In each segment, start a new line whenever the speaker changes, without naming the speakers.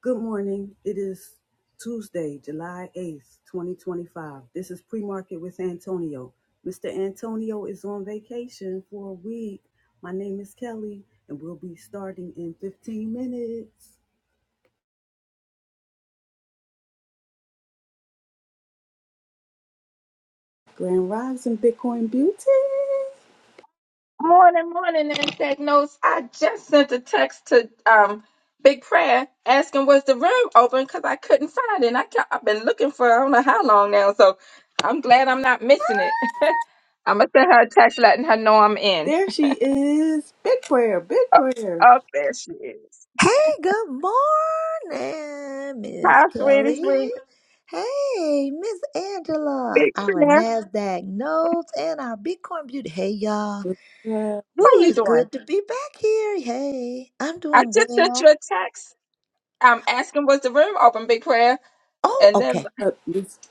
Good morning. It is Tuesday, July 8th, 2025. This is pre market with Antonio. Mr. Antonio is on vacation for a week. My name is Kelly, and we'll be starting in 15 minutes. Grand Rising Bitcoin Beauty.
Morning, morning, NASDAQ notes. I just sent a text to um Big Prayer asking was the room open because I couldn't find it. And I kept, I've been looking for I don't know how long now, so I'm glad I'm not missing it. I'm gonna send her a text letting her know I'm in.
There she is. Big prayer, big prayer.
Oh, there she is.
Hey, good morning, Miss
Hi, sweetie,
Kelly.
sweet
Hey, Miss Angela,
Big
our
Prayer.
NASDAQ notes and our Bitcoin beauty. Hey, y'all. Woo,
How you
it's
doing?
good to be back here. Hey, I'm
I
doing
just sent you
well.
a text. um, asking was the room open, Big Prayer,
Oh,
and then
okay.
Uh,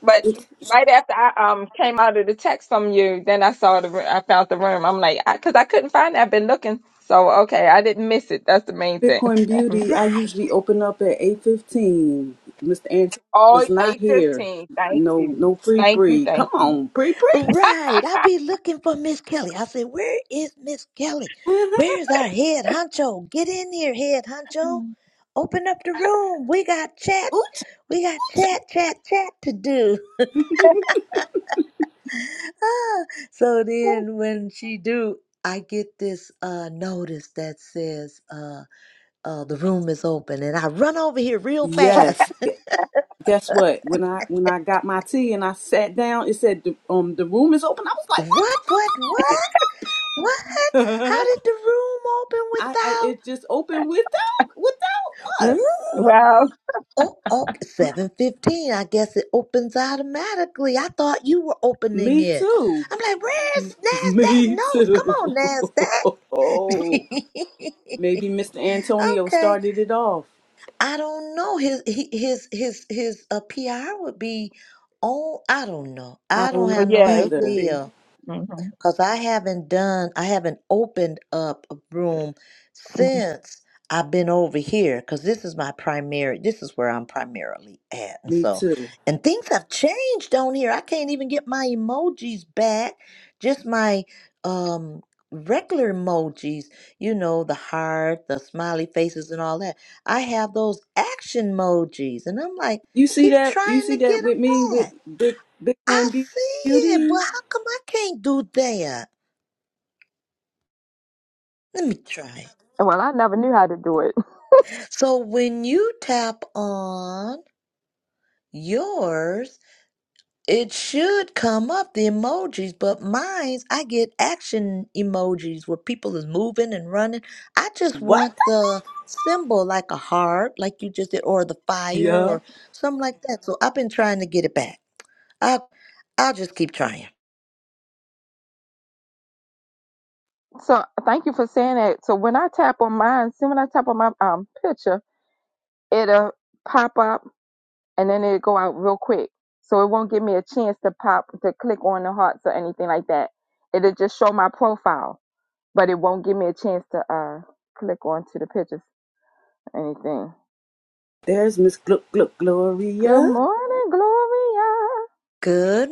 But right after I um came out of the text from you, then I saw the I found the room. I'm like, I because I, couldn't find it. I've been looking, so okay, I didn't miss it. That's the main thing.
Bitcoin Beauty,
Right,
I usually open up at 8.15. Mr. Antonio
All
is not
eight
here.
fifteen. Thank
No,
you,
no pre
thank you,
pre.
thank
Come
you.
on, pre pre.
right. i be looking for Miss Kelly. I said, Where is Miss Kelly? Where is our head honcho? Get in here, head honcho. Open up the room. We got chat. We got chat, chat, chat to do. so then when she do i get this uh notice that says uh uh the room is open and i run over here real
Yes.
fast
Gu- Guess what? When I when I got my tea and I sat down, it said the, um the room is open. I was like,
what what what what how
what?
did the room open
I, I it just opened without
without
without
Woo!
us.
Well,
oh oh, seven fifteen. i guess it opens automatically i thought you were opening
Me
it
too.
i'm like where's nasdaq
Me
notes come
too.
on nasdaq
Maybe Mr. Antonio
okay
started it off.
I don't know. His he- his his his uh, PR would be on. I don't know.
I
I don't
don't know
have no
yeah, it
either.
would be.
idea.
hmm
Because I haven't done, I haven't opened up a room since I've been over here. Because this is my primary, this is where I'm primarily at. And
Me
so,
too.
and things have changed on here. I can't even get my emojis back, just my um, regular emojis, you know, the heart, the smiley faces, and all that. I have those action emojis. And I'm like,
You see
keep
that? You
trying
see
to get
that with me
them
with
back.
big
I
Bitcoin Be-
see it, but
Beauty?
how come I can't do that? Let me try.
Well, I never knew how to do it.
So when you tap on yours, it should come up the emojis, but mine's I get action emojis where people is moving and running. I just
What?
want the symbol like a heart, like you just did, or the fire
Yeah.
or something like that. So I've been trying to get it back. I'll I'll just keep trying.
So thank you for saying that. So when I tap on mine, see when I tap on my um picture, it'll pop up and then it go out real quick. So it won't give me a chance to pop to click on the hearts or anything like that. It'll just show my profile, but it won't give me a chance to uh click onto the pictures or anything.
There's Miss Gluck Gluck
Good
Gloria.
morning, Gloria.
Good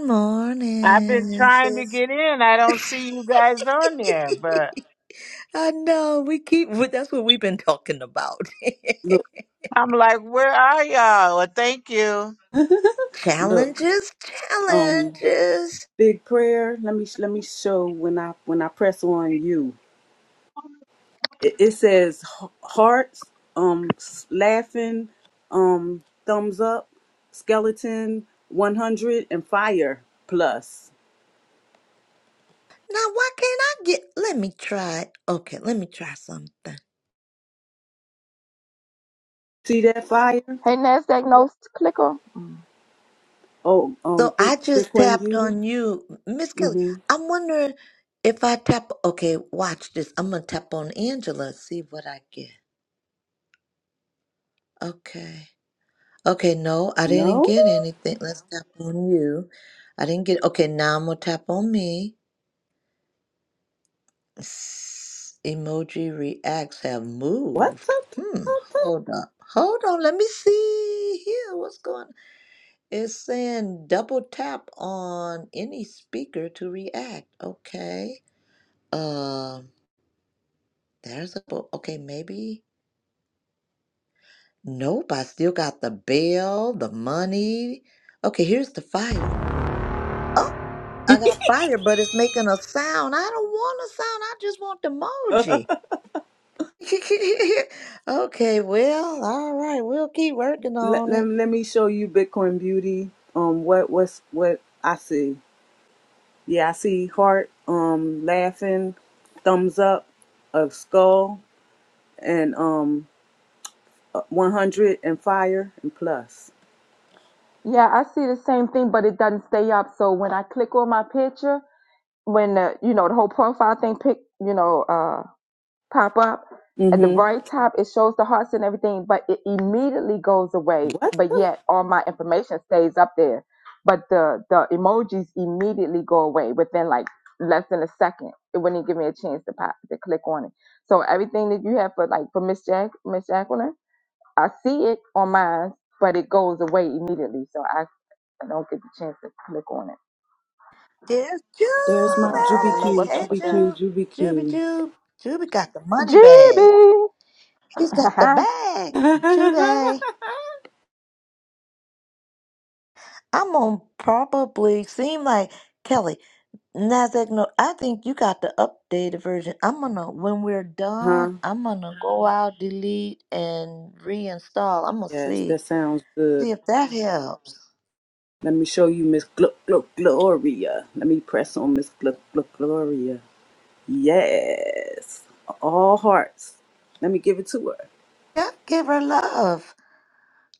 I've been
morning,
trying to
sis.
get in. I don't see you guys on there, but
I know we keep. well, That's what we've been talking about.
Look,
I'm like, where are y'all? Well, thank you.
look.
Challenges,
Um,
challenges.
big prayer. Let me let me show when I when I press on you. It, it says h- hearts, um, s- laughing, um, thumbs up, skeleton, one hundred, and fire plus.
Now, why can't I get? Let me try. Okay, let me try something.
See that fire?
Hey Nasdaq notes, click on. Mm.
Oh, um,
So
big
I just
Bitcoin
tapped
Beauty.
on you, Miss Kelly.
Mm-hmm.
I'm wondering if I tap. Okay, watch this. I'm gonna tap on Angela. See what I get. Okay. Okay. No, I didn't
No?
get anything. Let's tap on you. I didn't get. Okay, now I'm gonna tap on me. S- Emoji reacts have
What?
moved. Hmm. Hold up. Hold on. Let me see here. What's going? It's saying double tap on any speaker to react. Okay. Um. There's a bo- okay. Maybe. Nope. I still got the bell, the money. Okay. Here's the fire. Oh, I got fire, but it's making a sound. I don't want a sound. I just want the emoji. okay, well, all right, we'll keep working
let,
on
let,
it.
let me show you Bitcoin beauty. Um, what what's what I see? Yeah, I see heart, um, laughing, thumbs up, a skull, and um, uh, 100 and fire and plus.
Yeah, I see the same thing, but it doesn't stay up. So when I click on my picture, when the you know the whole profile thing pick, you know, uh. pop up at the
Mm-hmm.
very top it shows the hearts and everything but it immediately goes away
What?
but
the-
yet all my information stays up there but the the emojis immediately go away within like less than a second it wouldn't give me a chance to pop to click on it so everything that you have for like for miss jack miss jacqueline i see it on mine but it goes away immediately so i I don't get the chance to click on it.
There's
There's
So
my
I don't know
Juby.
JubiQ,
what's
Hey,
up with that.
Jube.
JubiQ,
Juby,
JubiQ.
Jube. Juby got the money bag. He's got the
GB!
bag. Juby. I'm going to probably seem like Kelly. Nasdaq, no, I think you got the updated version. I'm going to, when we're done,
huh?
I'm going to go out, delete, and reinstall. I'm going to
Yes,
see.
that sounds good.
See if that helps.
Let me show you Miss Gluck Gluck Gloria. Let me press on Miss Gluck Gluck Gloria. Yes. All hearts. Let me give it to her.
Yeah, give her love.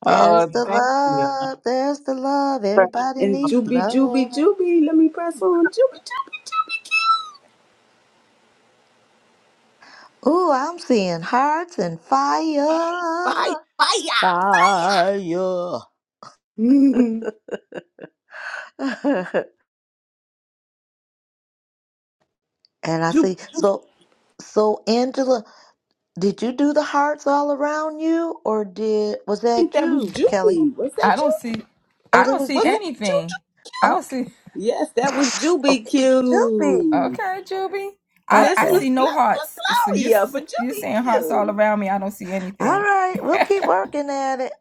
Oh,
There's the
thank you.
love. There's the love. Everybody
And
needs
Juby
love.
Juby Juby. Let me press on. Juby Juby Juby. Keep
Ooh, I'm seeing hearts and fire.
fire. Fire.
Fire.
Mhm.
and I
Ju-
see.
I
So, so Angela, did you do the hearts all around you, or did was
think
that
that was
you, Kelly?
Juby. Was that
I don't
Juby?
see
Oh,
I
that
don't
was
see
Was
Julie.
it
anything.
Juju?
I don't
Okay,
see
Yes, that was Juby
okay, it's Julie.
Q.
okay, Juby.
And
I,
that's
I
Miss
Okay,
see no
Gluck Gluck
hearts. So you
Gloria
s-
for
you're
Juby
saying hearts all
Q.
around me. I don't see
all
anything.
right. We'll keep working at it.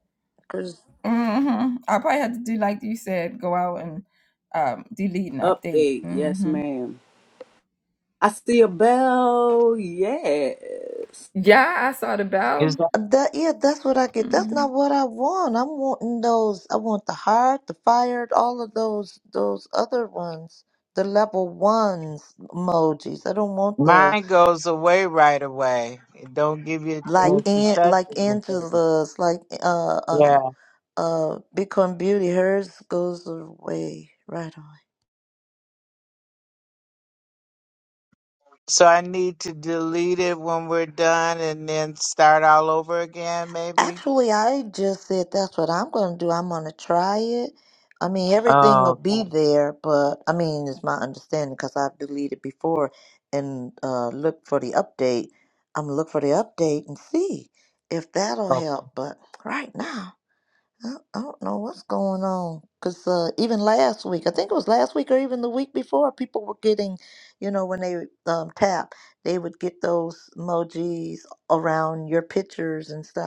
'cause
hmm I probably have to do like you said, go out and um, delete and update.
Update. Yes,
hmm
ma'am. I see a bell. Yes.
Yeah, I saw the
Is
bell.
that
That yeah, that's what I get. That's
hmm
not what I want. I'm wanting those. I want the hired, the fired, all of those those other ones, the level ones emojis. I don't want the
mine goes away right away. It don't give you a
like
chance
Good
to
An
touch
like
anything.
Angela's, like uh uh
Yeah.
uh Bitcoin Beauty. Hers goes away right on.
So I need to delete it when we're done and then start all over again, maybe.
Actually, I just said that's what I'm going to do. I'm going to try it. I mean, everything will
Oh,
be
okay.
there, but I mean, it's my understanding because I've deleted before and uh, look for the update. I'm gonna look for the update and see if that'll
Good
help. But right now, I, I don't know what's going on because uh, even last week, I think it was last week or even the week before, people were getting, you know, when they um, tap, they would get those emojis around your pictures and stuff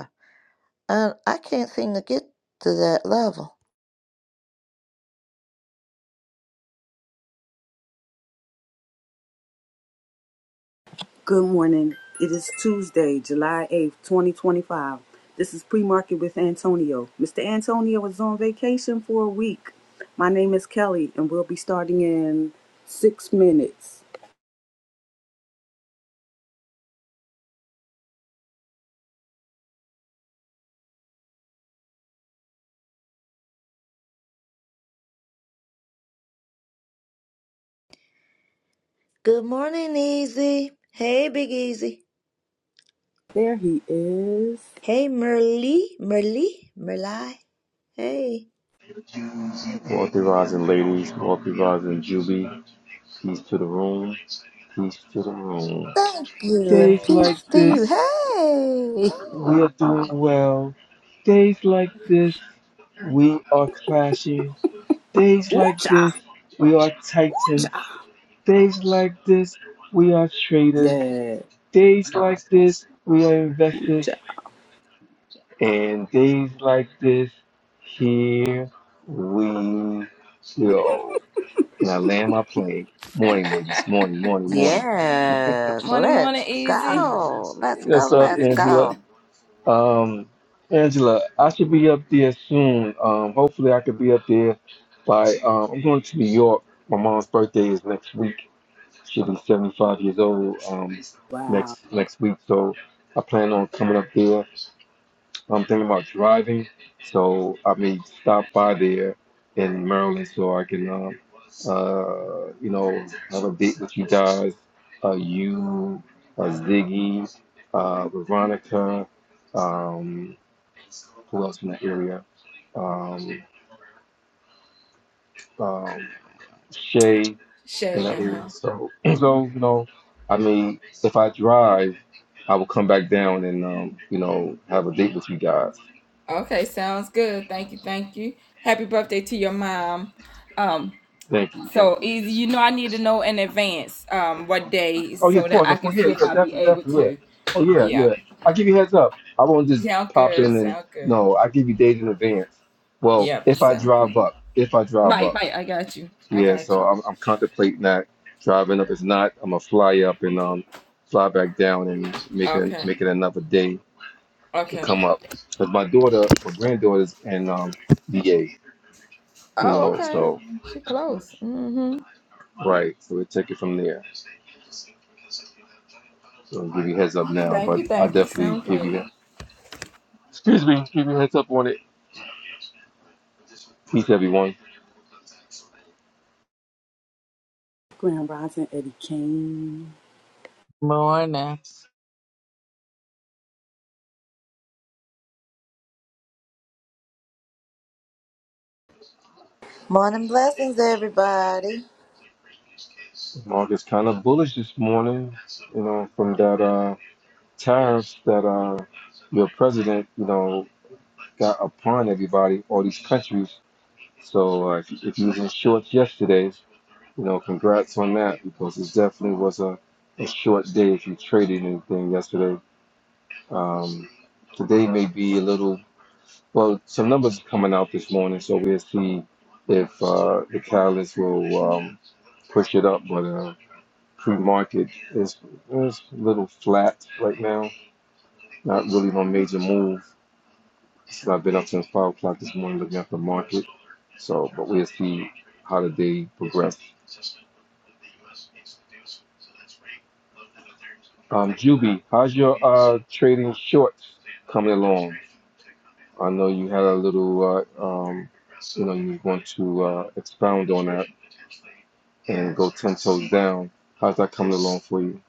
and I can't seem to get to that level.
good morning. It is Tuesday, July 8th, 2025. This is pre market with Antonio. Mr. Antonio is on vacation for a week. My name is Kelly, and we'll be starting in six minutes.
Good morning, Easy. Hey, Big Easy.
There he is.
Hey, Merly, Merly, Merli. Hey.
Wealthy rising ladies, wealthy rising Juby, peace to the room, peace to the room.
Thank you, and
Days like
peace to you.
this,
Hey.
we are doing well. Days like this, we are clashing. Days like this,
Ooh-cha!
we are titans.
Ooh-cha!
Days like this, we are traders.
Yeah.
Days like this, we are
Ooh
investors.
cha.
And days like this, here we go. and I land my plane. Morning, ladies. Morning, morning, morning.
Yes,
Morning,
let's
morning, easy.
go. Let's go.
What's up,
Let's
Angela?
go.
Um, Angela, I should be up there soon. Um, hopefully, I could be up there by. Um, I'm going to New York. My mom's birthday is next week. She'll be 75 years old um,
Wow.
next next week, so I plan on coming up there. I'm thinking about driving, so I may stop by there in Maryland so I can, um, uh, you know, have a date with you guys. Uh, you, uh, Ziggy, uh, Veronica, um, who else in that area? Um, um, Shay in
Shay,
that area.
uh-huh.
So, so you know, I mean, if I drive, I will come back down and, um, you know, have a date with you guys.
Okay, sounds good. Thank you, thank you. Happy birthday to your mom. Um,
Thank you. Thank you.
So is you know I need to know in advance um what day
Oh yeah, of
so that
course,
I
of
can
course, yeah,
see
yeah,
if I be
definitely,
able
definitely, yeah.
to.
Oh yeah,
Yeah.
yeah. I give you heads up. I won't just
Sound
pop
good.
in and
Sound good.
no. I give you days in advance. Well,
Yep.
if I
Sound good.
drive up, if I drive
Right,
up,
right. I got you. I
yeah.
got
So
you.
I'm, I'm contemplating that driving up. If not, I'm gonna fly up and um fly back down and make it
Okay.
make it another day to
Okay.
come up. Cause my daughter, my granddaughter's in um VA, you
Oh,
know.
okay.
So
She close. Mm-hmm.
right, so we take it from there. So I'll give you heads up now,
Thank
but
you.
I
Thank you.
definitely
Sound
give
good.
you. Excuse me, give you a heads up on it Peace, everyone.
Grand Rising Eddie Kane.
morning.
Morning blessings, everybody.
Market's kind of bullish this morning, you know, from that uh, tariffs that uh, your president, you know, got upon everybody, all these countries. So uh, if, if you was in shorts yesterday, you know, congrats on that because it definitely was a, a short day if you traded anything yesterday. Um, today may be a little, well, some numbers coming out this morning, so we'll see if uh, the catalyst will um, push it up, but. Uh, crude market is is a little flat right now. Not really no major move. So I've been up since five o'clock this morning looking at the market. So, but we'll see how the day progresses. Um, Juby, how's your uh trading shorts coming along? I know you had a little, uh, um, you know, you want to uh, expound on that and go ten toes down. How's that coming along for you?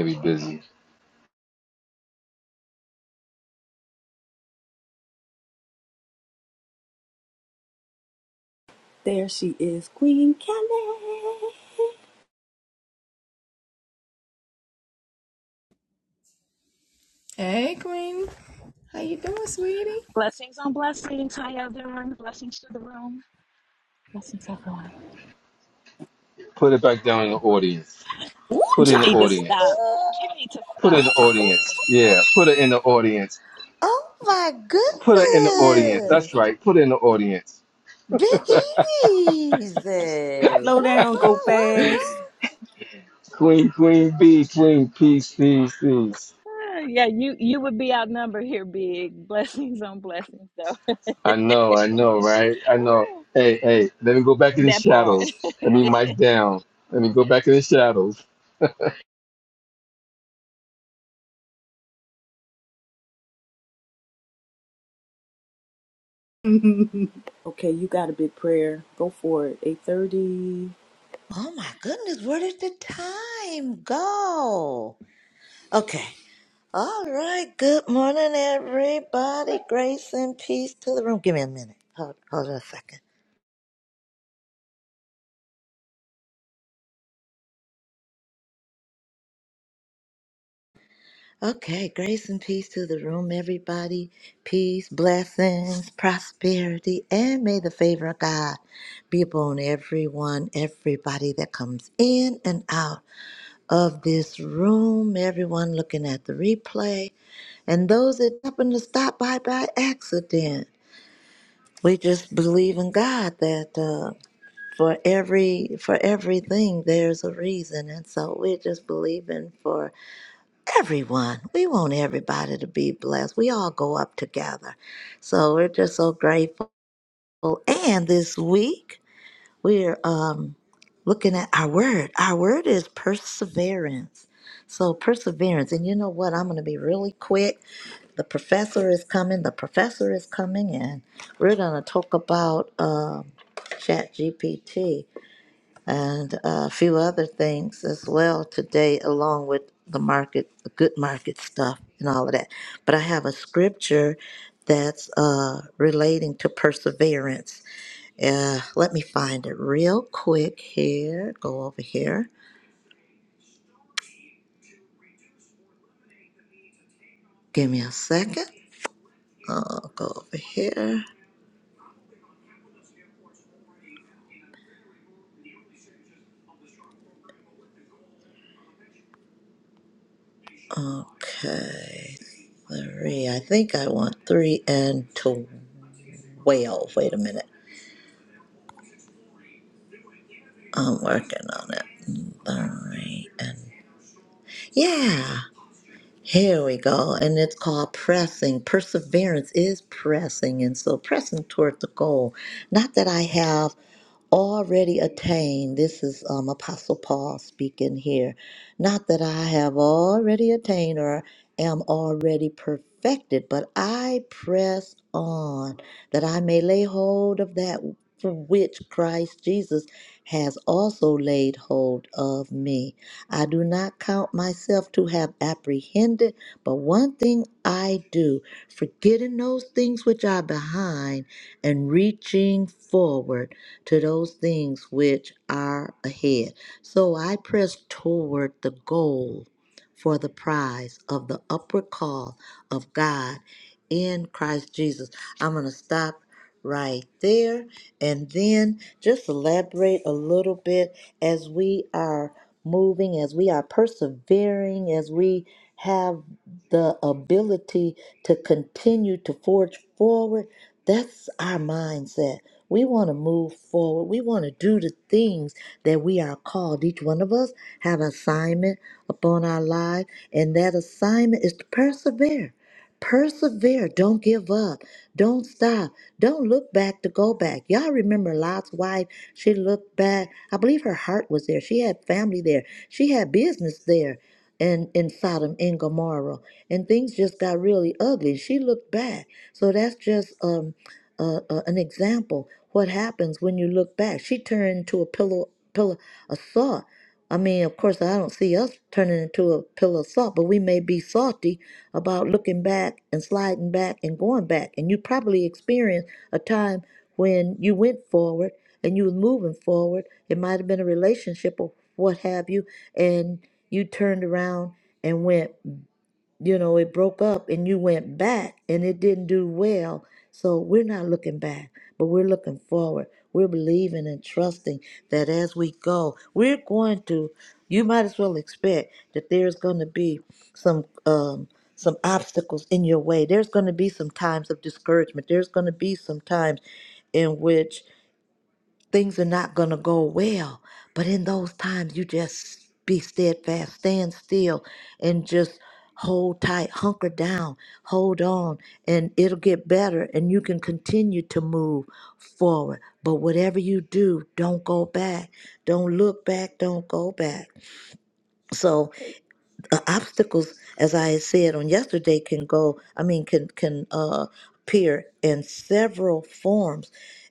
Maybe busy.
There she is, Queen Kelly.
Blessings on blessings. How y'all doing? Blessings to the room. Blessings everyone.
Put it back down in the audience. Put it
You
in the
Ooh-cha!
need to stop.
audience.
You need to
Put it in the
stop.
audience. Yeah, put it in the audience.
Oh my
Put it in the audience.
goodness.
That's right. Put it in the audience.
Big Easy.
Slow
What's
down, go
up? What's
fast.
Queen, Queen B, Queen Peace, Peace, Peace.
Ah, Yeah, you you would be outnumbered here, big. Blessings on blessings, though.
I know, I know, right? I know. Hey, hey, let me go back in the
That part.
shadows. Let me mic down. Let me go back in the shadows.
Mhm. Okay, you got a big prayer. Go for it. Eight thirty.
Oh my goodness, where did the time go? Okay. All right. Good morning, everybody. Grace and peace to the room. Give me a minute. Hold, hold on a second. Okay. Grace and peace to the room, everybody. Peace, blessings, prosperity, and may the favor of God be upon everyone, everybody that comes in and out of this room, everyone looking at the replay, and those that happen to stop by by accident. we just believe in God that uh, for every for everything there's a reason, and so we're just believing for everyone. We want everybody to be blessed. We all go up together, so we're just so grateful. And this week we're um, looking at our word. Our word is perseverance. So perseverance, and you know what? I'm going to be really quick the professor is coming. The professor is coming, and we're going to talk about um, ChatGPT and uh, a few other things as well today, along with the market, the good market stuff, and all of that. But I have a scripture that's uh, relating to perseverance. Uh, let me find it real quick here. Go over here. Give me a second. I'll go over here. Okay, three. I think I want three and twelve. Wait a minute. I'm working on it. Three and yeah. Here we go. And it's called pressing. Perseverance is pressing. And so pressing toward the goal. Not that I have already attained. This is um, Apostle Paul speaking here. Not that I have already attained or am already perfected, but I press on that I may lay hold of that for which Christ Jesus has also laid hold of me. I do not count myself to have apprehended, but one thing I do, forgetting those things which are behind and reaching forward to those things which are ahead. So I press toward the goal for the prize of the upward call of God in Christ Jesus. I'm going to stop right there and then just elaborate a little bit as we are moving, as we are persevering, as we have the ability to continue to forge forward that's our mindset. We want to move forward. We want to do the things that we are called. Each one of us have assignment upon our life, and that assignment is to persevere. Persevere. Don't give up. Don't stop. Don't look back to go back. Y'all remember Lot's wife? She looked back. I believe her heart was there. She had family there. She had business there in, in Sodom and Gomorrah. And things just got really ugly. She looked back. So that's just um uh, uh, an example what happens when you look back she turned into a pillow pillow of salt i mean of course i don't see us turning into a pillow of salt but we may be salty about looking back and sliding back and going back and you probably experienced a time when you went forward and you was moving forward it might have been a relationship or what have you and you turned around and went you know, it broke up and you went back and it didn't do well. So we're not looking back, but we're looking forward. We're believing and trusting that as we go, we're going to, you might as well expect that there's going to be some, um, some obstacles in your way. There's going to be some times of discouragement. There's going to be some times in which things are not going to go well. But in those times, you just be steadfast, stand still, and just hold tight, hunker down, hold on, and it'll get better. And you can continue to move forward. But whatever you do, don't go back. Don't look back. Don't go back. So, uh, obstacles, as I had said on yesterday, can go. I mean, can can uh, appear in several forms.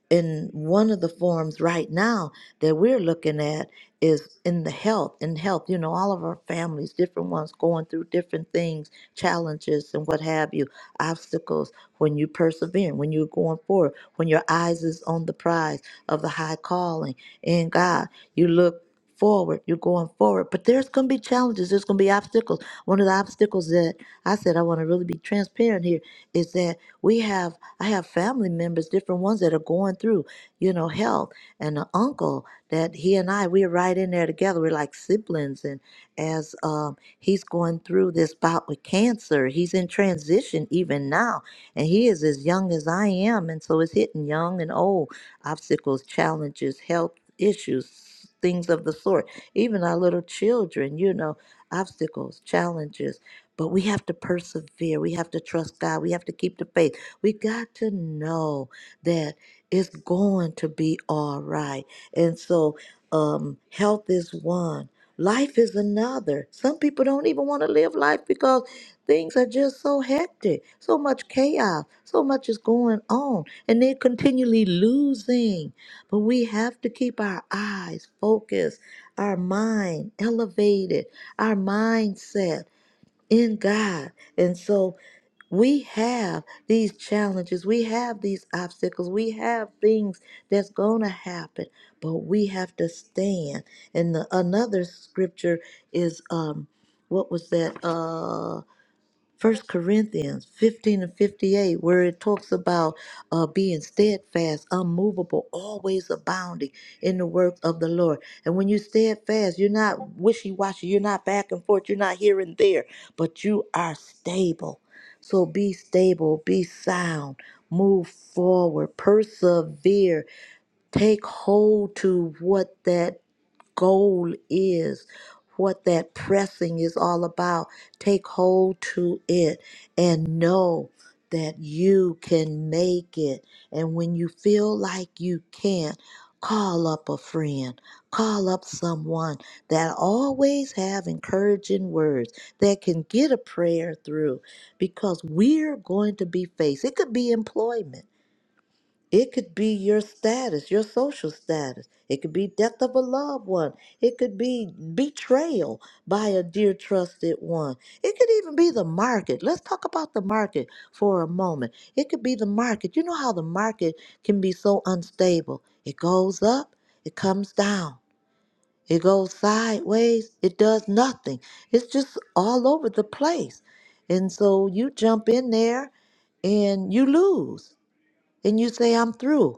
And one of the forms right now that we're looking at is in the health. In health, you know, all of our families, different ones, going through different things, challenges, and what have you, obstacles. When you persevere, when you're going forward, when your eyes is on the prize of the high calling in God, you look forward. You're going forward. But there's going to be challenges. There's going to be obstacles. One of the obstacles that I said I want to really be transparent here is that we have, I have family members, different ones that are going through, you know, health and an uncle that he and I, we're right in there together. We're like siblings. And as um, he's going through this bout with cancer, he's in transition even now. And he is as young as I am. And so it's hitting young and old obstacles, challenges, health issues, things of the sort. Even our little children, you know, obstacles, challenges. But we have to persevere. We have to trust God. We have to keep the faith. We got to know that it's going to be all right. And so, um, health is one, life is another. Some people don't even want to live life because Things are just so hectic, so much chaos, so much is going on, and they're continually losing. But we have to keep our eyes focused, our mind elevated, our mindset in God. And so we have these challenges, we have these obstacles, we have things that's going to happen, but we have to stand. And the, another scripture is um what was that? uh? First Corinthians 15 and 58, where it talks about uh, being steadfast, unmovable, always abounding in the work of the Lord. And when you're steadfast, you're not wishy washy, you're not back and forth, you're not here and there, but you are stable. So be stable, be sound, move forward, persevere, take hold to what that goal is, what that pressing is all about. Take hold to it and know that you can make it. And when you feel like you can't, call up a friend, call up someone that always have encouraging words that can get a prayer through because we're going to be faced. It could be employment. It could be your status, your social status. It could be death of a loved one. It could be betrayal by a dear trusted one. It could even be the market. Let's talk about the market for a moment. It could be the market. You know how the market can be so unstable. It goes up, it comes down. It goes sideways, it does nothing. It's just all over the place. And so you jump in there and you lose and you say, I'm through.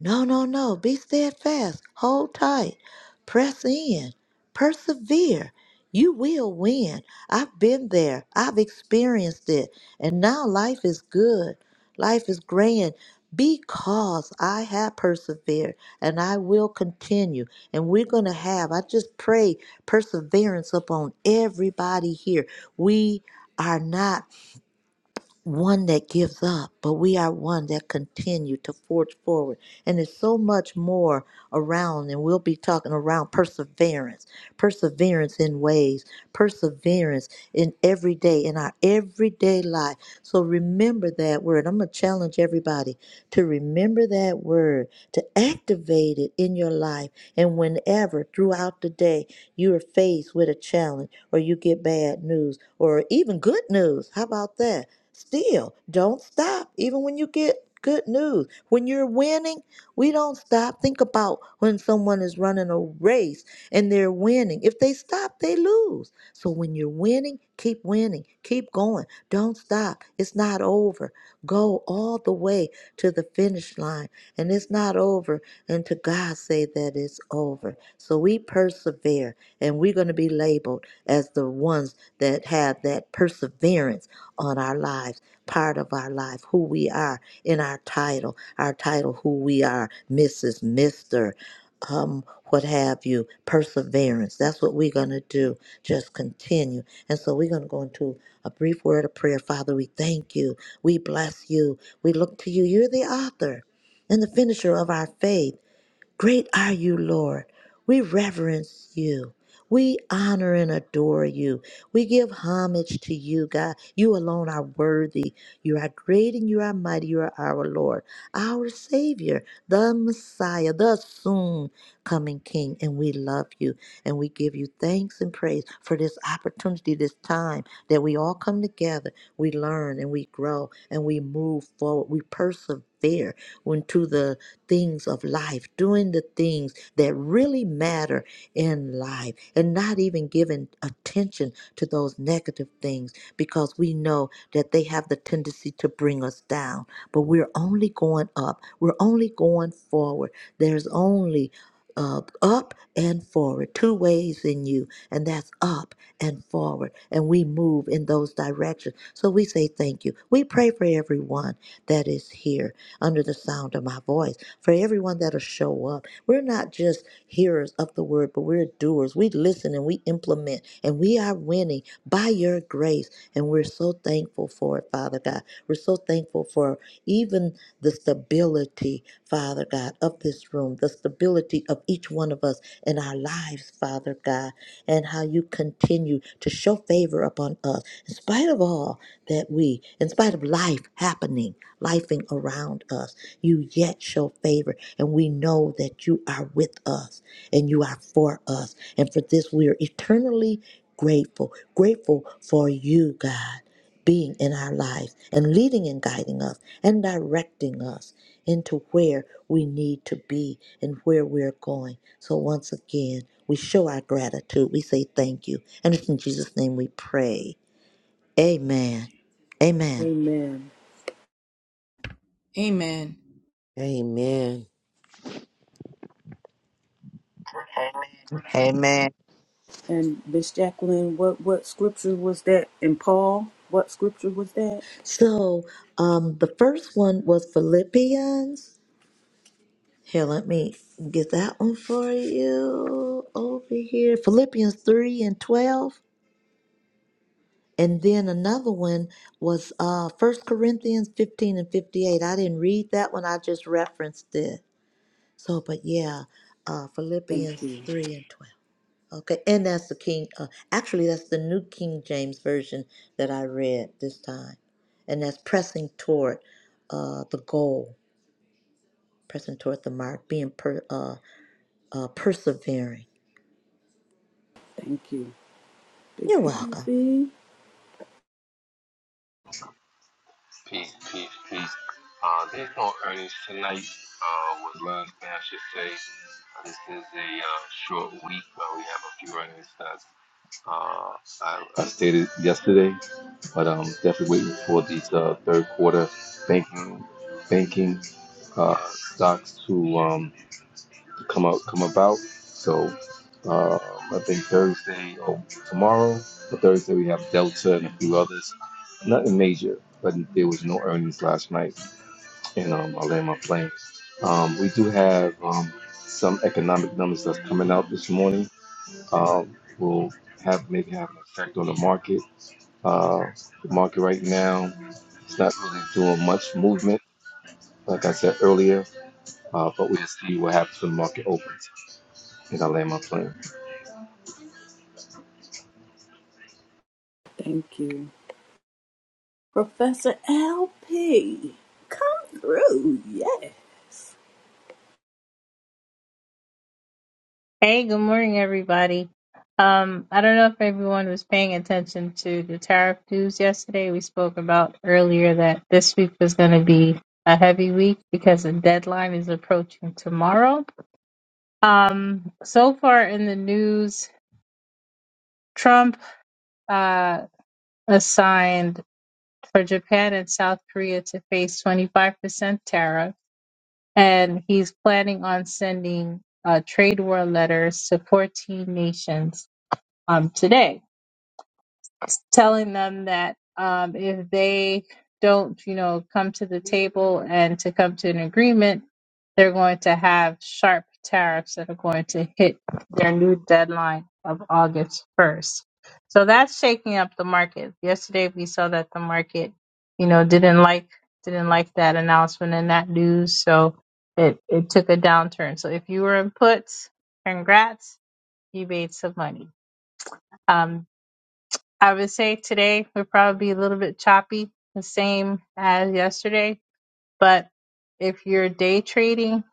No, no, no. Be steadfast. Hold tight. Press in. Persevere. You will win. I've been there. I've experienced it. And now life is good. Life is grand because I have persevered and I will continue. And we're going to have, I just pray perseverance upon everybody here. We are not one that gives up, but we are one that continue to forge forward. And there's so much more around, and we'll be talking around perseverance, perseverance in ways, perseverance in every day, in our everyday life. So remember that word. I'm going to challenge everybody to remember that word, to activate it in your life. And whenever throughout the day you are faced with a challenge, or you get bad news, or even good news, how about that? still don't stop even when you get good news when you're winning we don't stop think about when someone is running a race and they're winning if they stop they lose so when you're winning keep winning keep going don't stop it's not over go all the way to the finish line and it's not over until god say that it's over so we persevere and we're going to be labeled as the ones that have that perseverance on our lives, part of our life, who we are in our title, our title, who we are, Mrs., Mr., um, what have you, perseverance. That's what we're going to do. Just continue. And so we're going to go into a brief word of prayer. Father, we thank you. We bless you. We look to you. You're the author and the finisher of our faith. Great are you, Lord. We reverence you. We honor and adore you. We give homage to you, God. You alone are worthy. You are great and you are mighty. You are our Lord, our Savior, the Messiah, the soon coming King. And we love you and we give you thanks and praise for this opportunity, this time that we all come together. We learn and we grow and we move forward. We persevere into the things of life, doing the things that really matter in life, and not even giving attention to those negative things because we know that they have the tendency to bring us down. But we're only going up, we're only going forward. There's only uh, up and forward, two ways in you, and that's up and forward. And we move in those directions. So we say thank you. We pray for everyone that is here under the sound of my voice for everyone that'll show up. We're not just hearers of the word, but we're doers. We listen and we implement, and we are winning by your grace. And we're so thankful for it, Father God. We're so thankful for even the stability, Father God, of this room, the stability of each one of us in our lives, Father God, and how you continue to show favor upon us in spite of all that we, in spite of life happening, lifing around us you yet show favor. And we know that you are with us and you are for us. And for this, we are eternally grateful. Grateful for you, God, being in our lives and leading and guiding us and directing us into where we need to be and where we're going. So once again, we show our gratitude. We say thank you. And it's in Jesus' name we pray. Amen. Amen.
Amen.
Amen.
Amen.
Amen.
And Miss Jacqueline, what what scripture was that? And Paul, what scripture was that?
So um, the first one was Philippians. Here, let me get that one for you over here. Philippians 3 and 12. And then another one was uh, 1 Corinthians 15 and 58. I didn't read that one, I just referenced it. So, but yeah, uh,
Thank
Philippians
you.
3 and 12. Okay, and that's the King, uh, actually, that's the New King James Version that I read this time. And that's pressing toward uh, the goal. pressing toward the mark, being per, uh, uh, persevering.
Thank you. Big
You're welcome.
Evie.
Peace, peace, peace. Uh, there's no earnings tonight. Uh, was last thing I should say. This is a uh, short week where we have a few earnings that uh, I, I stated yesterday. But I'm um, definitely waiting for these uh, third quarter banking banking uh, stocks to um, to come out come about. So uh, I think Thursday or tomorrow or Thursday we have Delta and a few others. Nothing major, but there was no earnings last night, and um, I land my plane. Um, we do have um, some economic numbers that's coming out this morning. Um, will have maybe have an effect on the market. Uh, the market right now. It's not really doing much movement, like I said earlier, uh, but we'll see what happens when the market opens. And I land my plane.
Thank you. Professor LP. Come through. Yeah.
Hey, good morning, everybody. Um, I don't know if everyone was paying attention to the tariff news yesterday. We spoke about earlier that this week was going to be a heavy week because the deadline is approaching tomorrow. Um, so far in the news, Trump uh, assigned for Japan and South Korea to face 25% tariff, and he's planning on sending uh, trade war letters to 14 nations um, today. telling them that um, if they don't, you know, come to the table and to come to an agreement, they're going to have sharp tariffs that are going to hit their new deadline of August 1st. So that's shaking up the market. Yesterday we saw that the market, you know, didn't like didn't like that announcement and that news, so it it took a downturn. So if you were in puts, congrats, you made some money Um, I would say today would probably be a little bit choppy, the same as yesterday. But if you're day trading,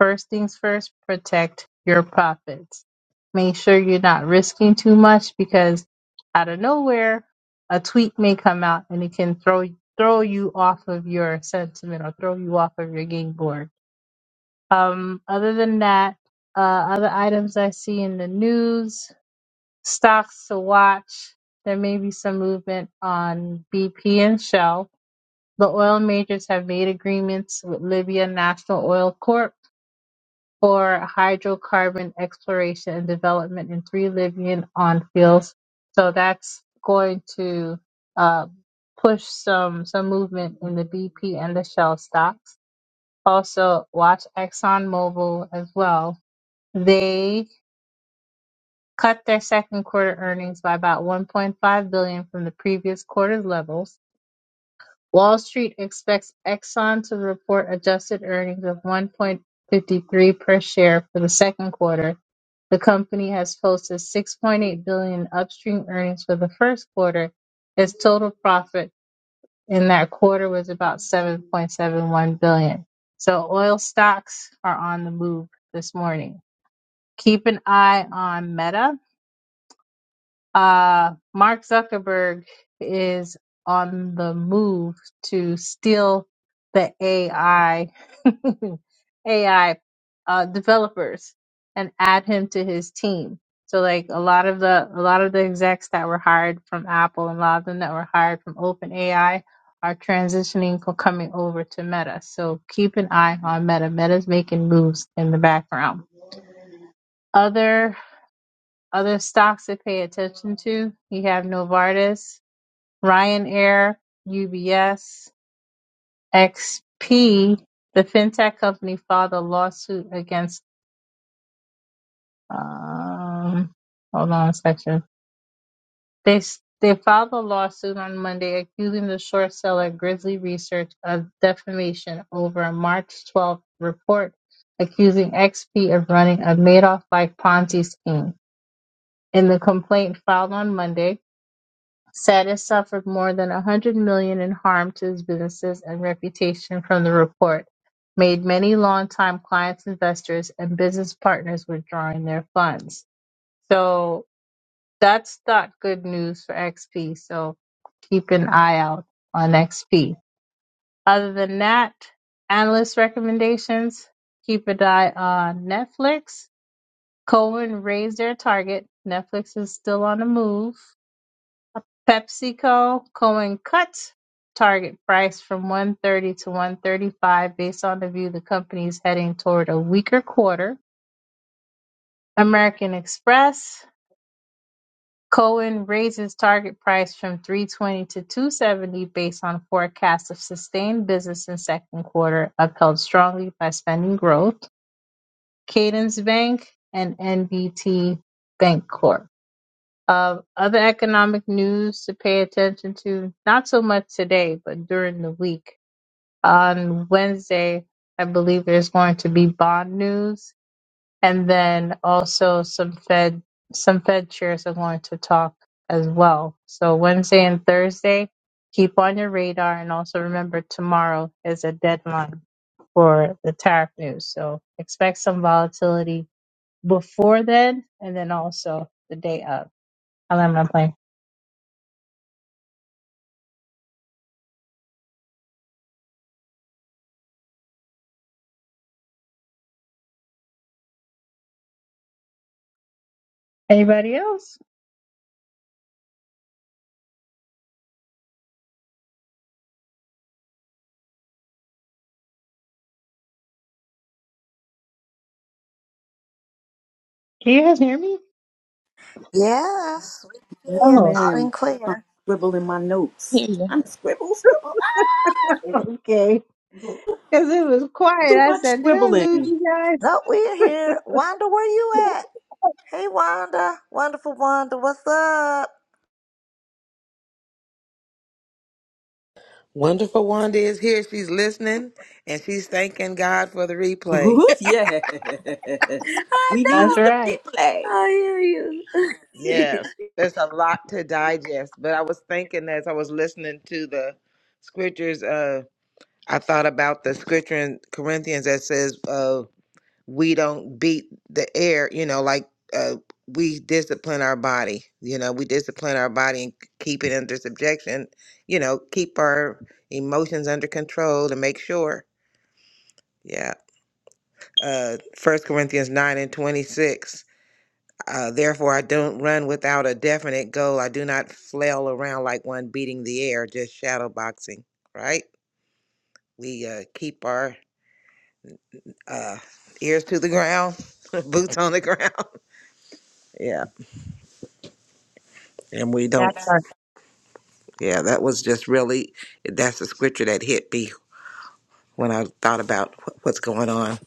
first things first, protect your profits. Make sure you're not risking too much because out of nowhere, a tweet may come out and it can throw throw you off of your sentiment or throw you off of your game board. Um, other than that, uh, other items I see in the news stocks to watch. There may be some movement on BP and Shell. The oil majors have made agreements with Libya National Oil Corp for hydrocarbon exploration and development in three Libyan on fields. So that's going to uh, push some some movement in the BP and the Shell stocks. Also, watch ExxonMobil as well. They cut their second quarter earnings by about 1.5 billion dollars from the previous quarter's levels. Wall Street expects Exxon to report adjusted earnings of 1.53 per share for the second quarter. The company has posted 6.8 billion dollars in upstream earnings for the first quarter. Its total profit in that quarter was about 7.71 billion. dollars. So oil stocks are on the move this morning. Keep an eye on Meta Uh, Mark Zuckerberg is on the move to steal the AI AI uh, developers and add him to his team. So like a lot of the a lot of the execs that were hired from Apple and a lot of them that were hired from OpenAI are transitioning co- coming over to Meta. So keep an eye on Meta. Meta's making moves in the background. Other other stocks to pay attention to, you have Novartis, Ryanair, UBS, XP, the fintech company filed a lawsuit against, um, hold on a second. They, s- they filed a lawsuit on Monday accusing the short seller Grizzly Research of defamation over a March 12th report accusing XP of running a Madoff-like Ponzi scheme. In the complaint filed on Monday, said suffered more than 100 million in harm to his businesses and reputation from the report, made many longtime clients, investors, and business partners withdrawing their funds. So that's not good news for XP. So keep an eye out on XP. Other than that, analyst recommendations, keep an eye on Netflix. Cohen raised their target. Netflix is still on the move. PepsiCo Cohen cuts target price from 130 to 135 based on the view the company is heading toward a weaker quarter. American Express Cohen raises target price from 320 to 270 based on forecast of sustained business in second quarter, upheld strongly by spending growth. Cadence Bank and NBT Bank Corp. Uh, other economic news to pay attention to, not so much today, but during the week. On Wednesday, I believe there's going to be bond news, and then also some Fed some Fed chairs are going to talk as well. So Wednesday and Thursday, keep on your radar, and also remember tomorrow is a deadline for the tariff news. So expect some volatility before then, and then also the day of. I'll end my plane. Anybody else? Can you guys hear me?
Yes, we
Yes,
can
Oh,
loud and
ma'am.
clear.
Scribbling my notes. Trying to scribble, scribble. Ah!
okay. Because it was quiet.
Too
I
much
said, Did I lose
scribbling.
you guys?
No, we're here. Wanda, where you at? Hey, Wanda. Wonderful Wanda, what's up?
Wonderful Wanda is here. She's listening and she's thanking God for the replay.
Ooh, yes.
I
We
That's
needs
know.
the
right.
replay.
I hear you.
yes, there's a lot to digest. But I was thinking as I was listening to the scriptures, uh, I thought about the scripture in Corinthians that says, uh, we don't beat the air, you know, like uh, we discipline our body. You know, we discipline our body and keep it under subjection, you know, keep our emotions under control to make sure. Yeah. uh, 1 Corinthians 9 and 26. Uh, Therefore, I don't run without a definite goal. I do not flail around like one beating the air, just shadow boxing, right? We uh, keep our uh, ears to the ground, boots on the ground. Yeah. And we don't,
That's right.
yeah, that was just really, that's the scripture that hit me when I thought about wh- what's going on.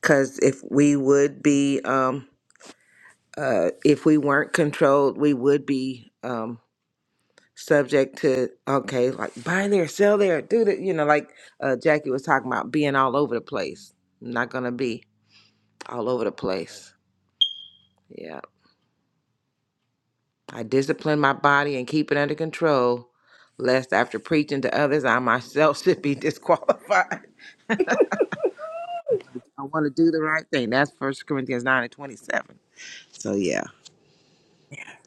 Because if we would be, um, uh, if we weren't controlled, we would be. Um, subject to okay, like buy there, sell there, do that. You know, like uh, Jackie was talking about being all over the place. I'm not gonna be all over the place. Yeah, I discipline my body and keep it under control, lest after preaching to others, I myself should be disqualified. I want to do the right thing. That's First Corinthians nine and twenty-seven. So yeah,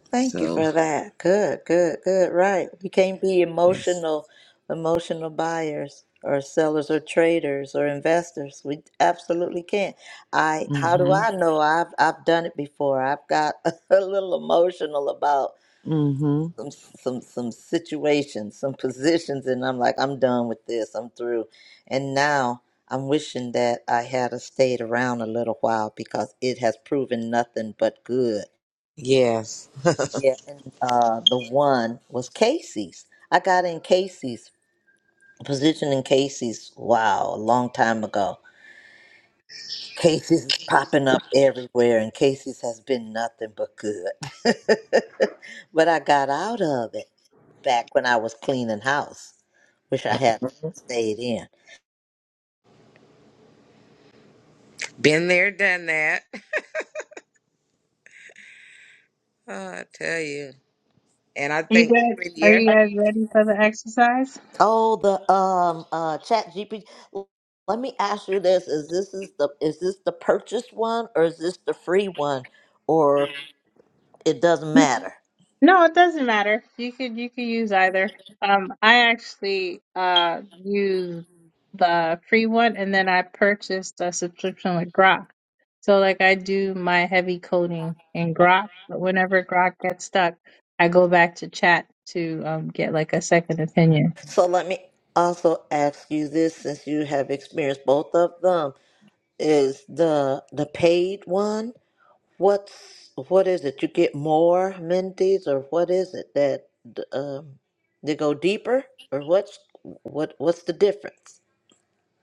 Thank you
so
for that. Good, good, good. Right. We can't be
yes.
emotional, emotional buyers or sellers or traders or investors. We absolutely can't. I how do
Mhm.
I know? I've I've done it before. I've got a little emotional about
Mhm.
some some some situations, some positions, and I'm like, I'm done with this. I'm through. And now I'm wishing that I had a stayed around a little while because it has proven nothing but good
Yes.
yeah, and uh, the one was Casey's. I got in Casey's position in Casey's. Wow, a long time ago. Casey's is popping up everywhere, and Casey's has been nothing but good. but I got out of it back when I was cleaning house. Wish I had stayed in.
Been there, done that. Oh, I tell you. And I
You
think
guys,
even
are
yes.
you guys ready for the exercise?
Oh, the um uh Chat GPT. Let me ask you this: Is this is the is this the purchase one, or is this the free one, or it doesn't matter?
No, it doesn't matter. You could you could use either. Um, I actually uh use the free one, and then I purchased a subscription with Grok. So like I do my heavy coding in Grok, but whenever Grok gets stuck, I go back to chat to um get like a second opinion.
So let me also ask you this since you have experienced both of them is the the paid one what's what is it you get more amenities or what is it that um they go deeper or what's what what's the difference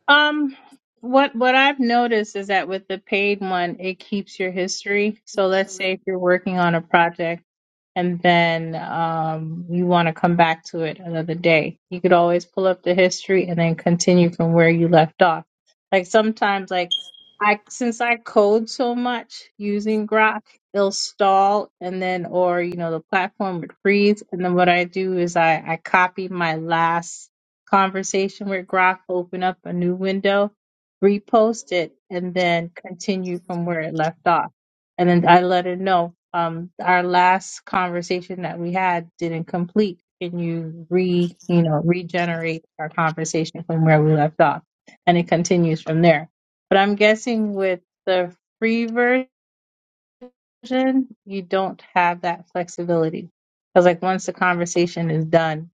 Um, what what I've noticed is that with the paid one, it keeps your history. So let's say if you're working on a project. and then um, you want to come back to it another day. You could always pull up the history and then continue from where you left off. Like sometimes, like I since I code so much using Grok, it'll stall and then or you know the platform would freeze. And then what I do is I I copy my last conversation with Grok, open up a new window, repost it, and then continue from where it left off and then I let her know um our last conversation that we had didn't complete. Can you re you know regenerate our conversation from where we left off? And it continues from there. But I'm guessing with the free version, you don't have that flexibility because like once the conversation is done,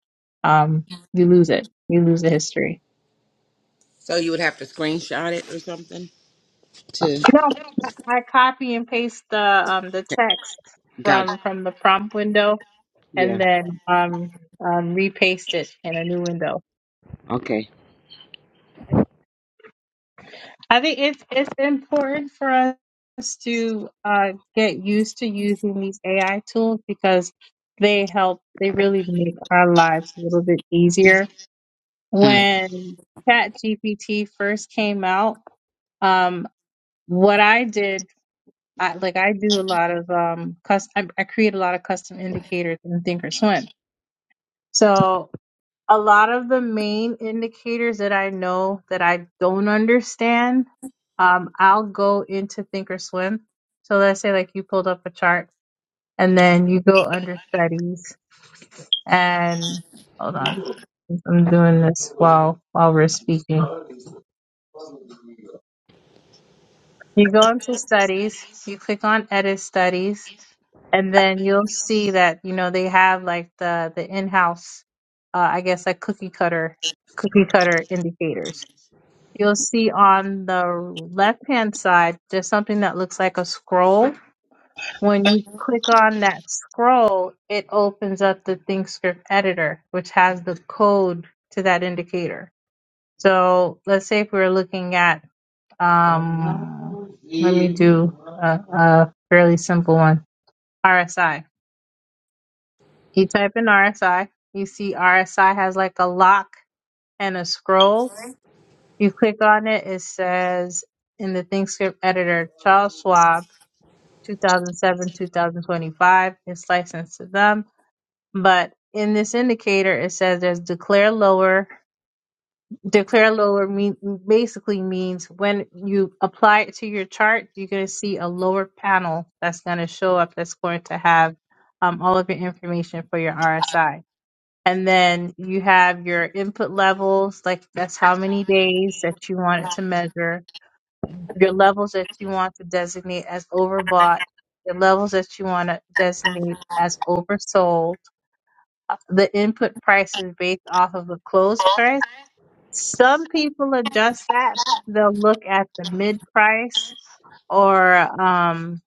um, you lose it. You lose the history.
So you would have to screenshot it or something to.
No, I I copy and paste the um the text
Got
from from the prompt window
yeah.
and then um, um, repaste it in a new window.
Okay.
I think it's it's important for us to uh, get used to using these AI tools because they help. They really make our lives a little bit easier.
Mm.
When ChatGPT first came out, um, what I did, I, like I do a lot of um, custom. I, I create a lot of custom indicators in Thinkorswim. So a lot of the main indicators that I know that I don't understand, um, I'll go into Thinkorswim. So let's say like you pulled up a chart and then you go under studies and hold on. I'm doing this while while we're speaking. You go into studies, you click on edit studies, and then you'll see that, you know, they have like the the in-house uh, I guess like cookie cutter cookie cutter indicators. You'll see on the left-hand side, there's something that looks like a scroll. When you click on that scroll, it opens up the ThinkScript editor, which has the code to that indicator. So let's say if we were looking at, um, let me do a, a fairly simple one, RSI. You type in RSI, you see RSI has like a lock and a scroll You click on it, it says in the ThinkScript editor, Charles Schwab, 2007 2025. It's licensed to them. But in this indicator, it says there's declare lower. Declare lower mean, basically means when you apply it to your chart, you're going to see a lower panel that's going to show up that's going to have um, all of your information for your RSI. And then you have your input levels, like that's how many days that you want it to measure your levels that you want to designate as overbought, the levels that you want to designate as oversold. The input price is based off of the close price. Some people adjust that. They'll look at the mid price or um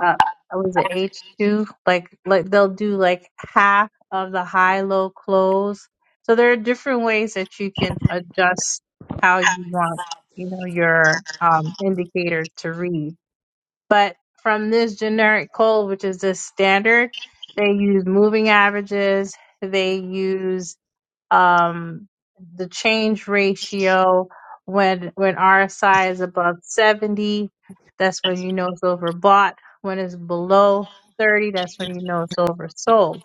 uh what was it H two? Like like they'll do like half of the high low close. So there are different ways that you can adjust how you want, you know, your um indicator to read but from this generic code, which is the standard, they use moving averages, they use um, the change ratio when when RSI is above 70, that's when you know it's overbought. When it's below 30, that's when you know it's oversold.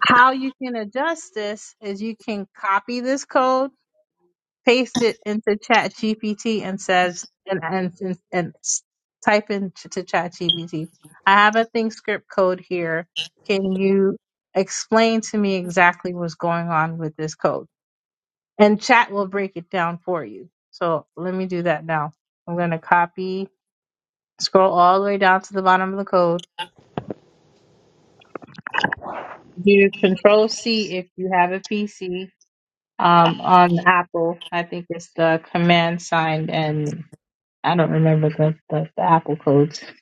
How you can adjust this is you can copy this code paste it into Chat GPT and says and and and, and s- type into to Chat GPT. I have a thing script code here. Can you explain to me exactly what's going on with this code? And Chat will break it down for you. So let me do that now. I'm gonna copy, scroll all the way down to the bottom of the code. Do Control C if you have a PC. Um, on Apple, I think it's the command sign and I don't remember the, the, the Apple codes.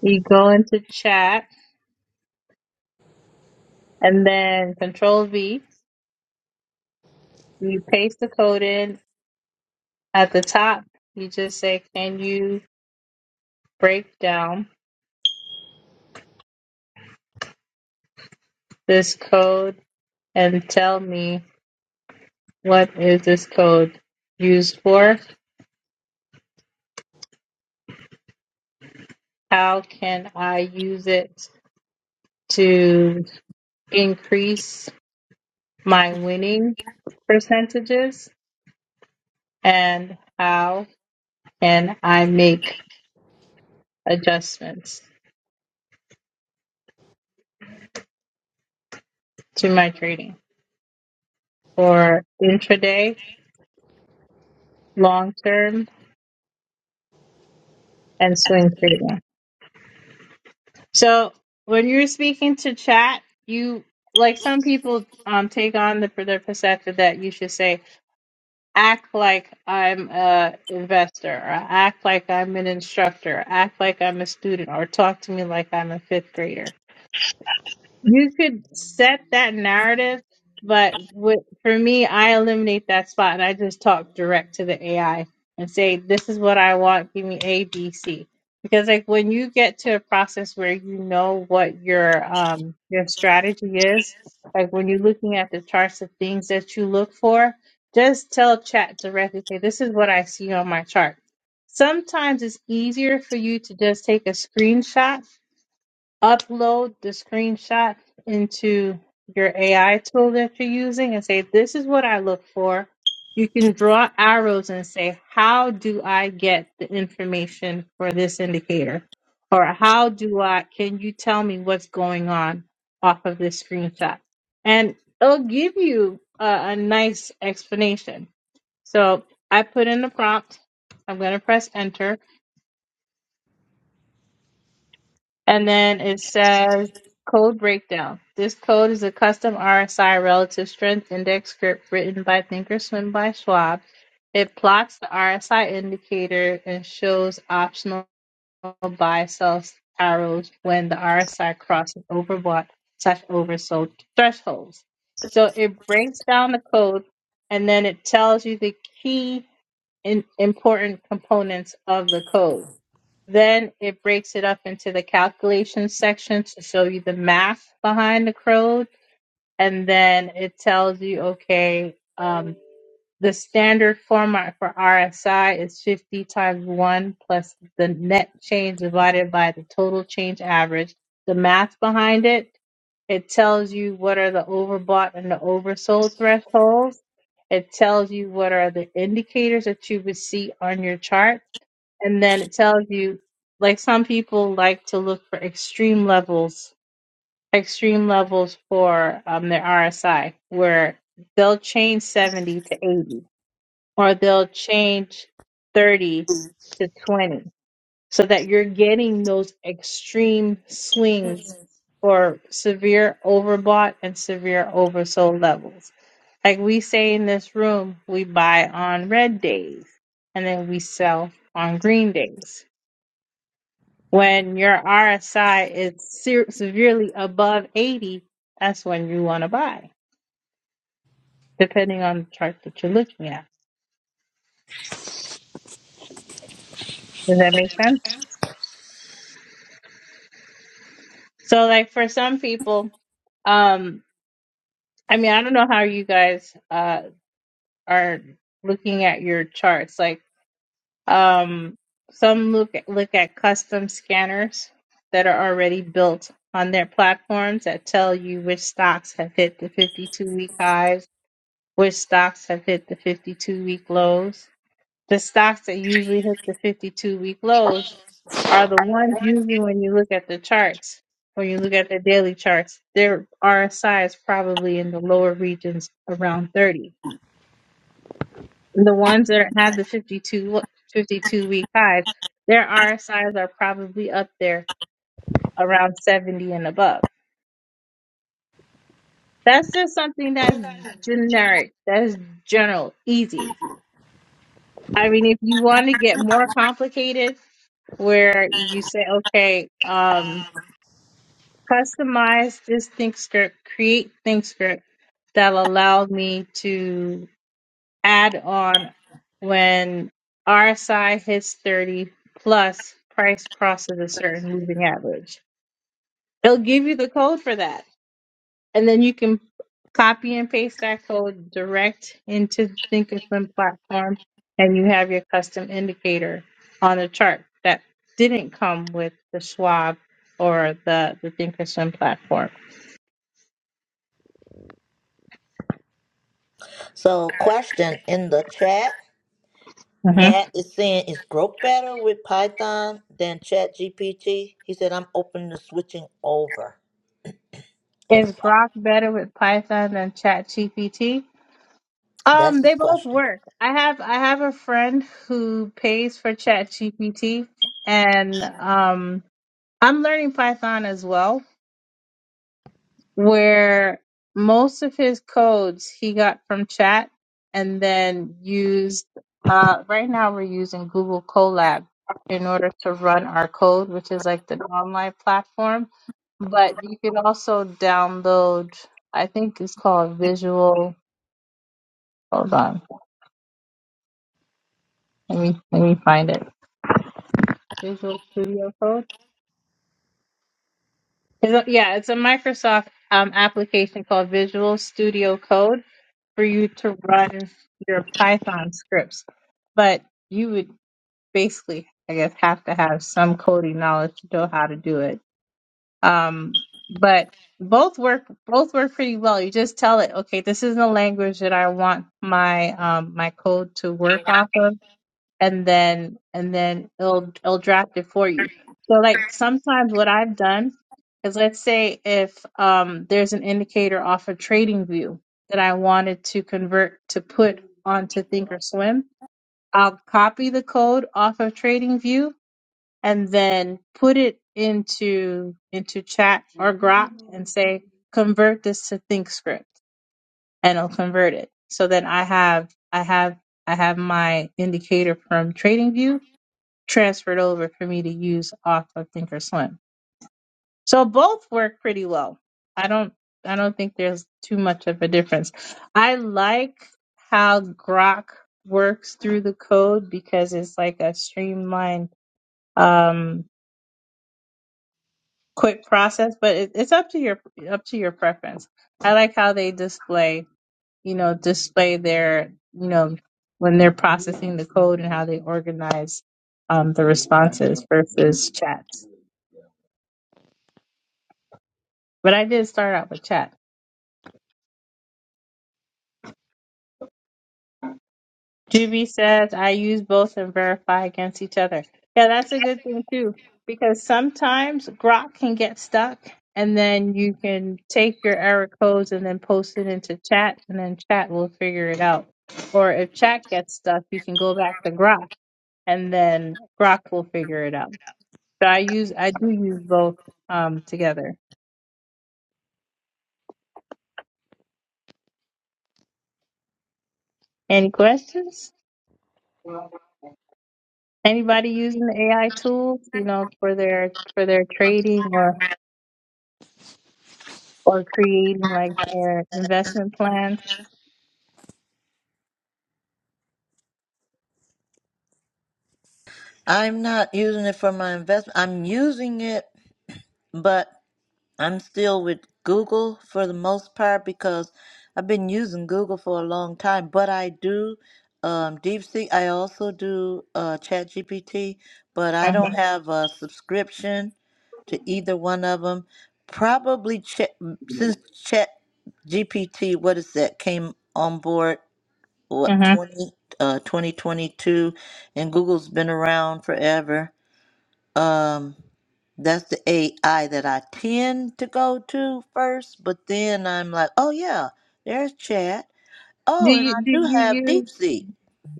You go into chat and then control V. You paste the code in at the top. You just say, Can you break down this code and tell me what is this code used for? How can I use it to increase my winning percentages? And how can I make adjustments? to my trading for intraday, long term, and swing trading. So when you're speaking to chat, you like some people um, take on the their perspective that you should say act like I'm a investor, or act like I'm an instructor, act like I'm a student, or talk to me like I'm a fifth grader. You could set that narrative, but with, for me, I eliminate that spot and I just talk direct to the AI and say, "This is what I want. Give me A, B, C." Because like when you get to a process where you know what your um your strategy is, like when you're looking at the charts of things that you look for, just tell chat directly, "Hey, this is what I see on my chart." Sometimes it's easier for you to just take a screenshot upload the screenshot into your AI tool that you're using and say, This is what I look for. You can draw arrows and say, How do I get the information for this indicator? Or how do I, can you tell me what's going on off of this screenshot? And it'll give you a, a nice explanation. So I put in the prompt. I'm going to press enter And then it says code breakdown. This code is a custom RSI relative strength index script written by Thinkorswim by Schwab. It plots the RSI indicator and shows optional buy sell arrows when the RSI crosses overbought slash oversold thresholds. So it breaks down the code and then it tells you the key in important components of the code. Then it breaks it up into the calculations section to show you the math behind the code. And then it tells you, okay, um, the standard format for RSI is 50 times 1 plus the net change divided by the total change average. The math behind it, it tells you what are the overbought and the oversold thresholds. It tells you what are the indicators that you would see on your chart and then it tells you like some people like to look for extreme levels extreme levels for um their RSI where they'll change 70 to 80 or they'll change 30 to 20 so that you're getting those extreme swings for severe overbought and severe oversold levels like we say in this room we buy on red days and then we sell on green days when your RSI is se- severely above 80, that's when you want to buy, depending on the chart that you're looking at. Does that make sense? So, like for some people, um, I mean, I don't know how you guys uh are looking at your charts. Like, um, some look at, look at custom scanners that are already built on their platforms that tell you which stocks have hit the 52 week highs which stocks have hit the 52 week lows. The stocks that usually hit the 52 week lows are the ones usually when you look at the charts, when you look at the daily charts, their RSI is probably in the lower regions around 30. And the ones that have the 52 52 week highs, their RSIs are probably up there around 70 and above. That's just something that's generic, that's general, easy. I mean, if you want to get more complicated, where you say, okay, um, customize this think script, create think script that'll allow me to add on when RSI hits 30 plus price crosses a certain moving average. It'll give you the code for that. And then you can copy and paste that code direct into Thinkorswim platform, and you have your custom indicator on the chart that didn't come with the Schwab or the, the Thinkorswim platform.
so question in the chat
hmm
nat is saying is growth better with python than ChatGPT? he said i'm open to switching over if
Is
so
Grok better with Python than ChatGPT?
that's
Um, they
his
both
question
work. I have I have a friend who pays for ChatGPT, and um, I'm learning Python as well where most of his codes he got from chat and then used uh, right now we're using google colab in order to run our code which is like the online platform but you can also download i think it's called visual hold on let me let me find it visual studio code Is it- yeah it's a microsoft um, application called visual studio code for you to run your Python scripts, but you would basically, I guess, have to have some coding knowledge to know how to do it. Um, but both work both work pretty well. You just tell it, okay, this is the language that I want my um, my code to work off of and then and then it'll it'll draft it for you. So like sometimes what I've done is let's say if um there's an indicator off of trading view that I wanted to convert to put onto thinkorswim, I'll copy the code off of trading view and then put it into into chat or grok and say convert this to thinkscript and it'll convert it. So then I have I have I have my indicator from TradingView transferred over for me to use off of thinkorswim so both work pretty well i don't i don't think there's too much of a difference i like how grok works through the code because it's like a streamlined um quick process but it, it's up to your up to your preference i like how they display you know display their you know when they're processing the code and how they organize um, the responses versus chats But I did start out with chat. Juvie says I use both and verify against each other. Yeah, that's a good thing too, because sometimes Grok can get stuck, and then you can take your error codes and then post it into chat, and then chat will figure it out. Or if chat gets stuck, you can go back to Grok, and then Grok will figure it out. So I use I do use both um, together. Any questions? Anybody using the AI tools, you know, for their for their trading or or creating like their investment plans.
I'm not using it for my investment. I'm using it, but I'm still with Google for the most part because I've been using Google for a long time. But I do um, DeepSeek. I also do uh, ChatGPT, but I
hmm
don't have a subscription to either one of them. Probably Chat since ChatGPT, what is that, came on board, what,
hmm
20, uh, 2022, and Google's been around forever. Um, that's the AI that I tend to go to first, but then I'm like, oh yeah, there's chat.
Do
Oh, and
you
I
do
do
you
have
use
DeepSeek.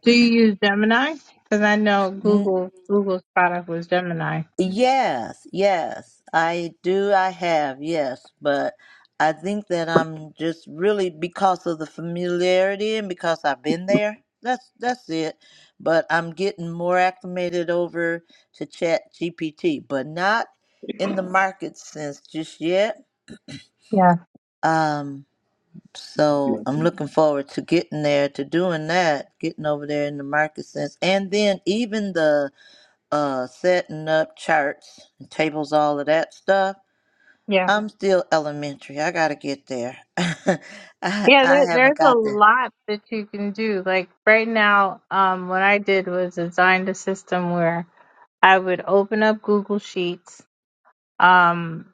do you use Gemini? Because I know
N-
Google Google's product was Gemini.
yes, yes, I do. I have yes, but I think that I'm just really because of the familiarity and because I've been there. That's that's it. But I'm getting more acclimated over to Chat GPT, but not in the market sense just yet
Yeah,
Um, so I'm looking forward to getting there, to doing that, getting over there in the market sense, and then even the uh setting up charts and tables, all of that stuff.
yeah,
I'm still elementary. I gotta get there. I I
yeah. There,
haven't
there's a
got there.
lot that you can do. Like right now, um, what I did was designed a system where I would open up Google Sheets. Um,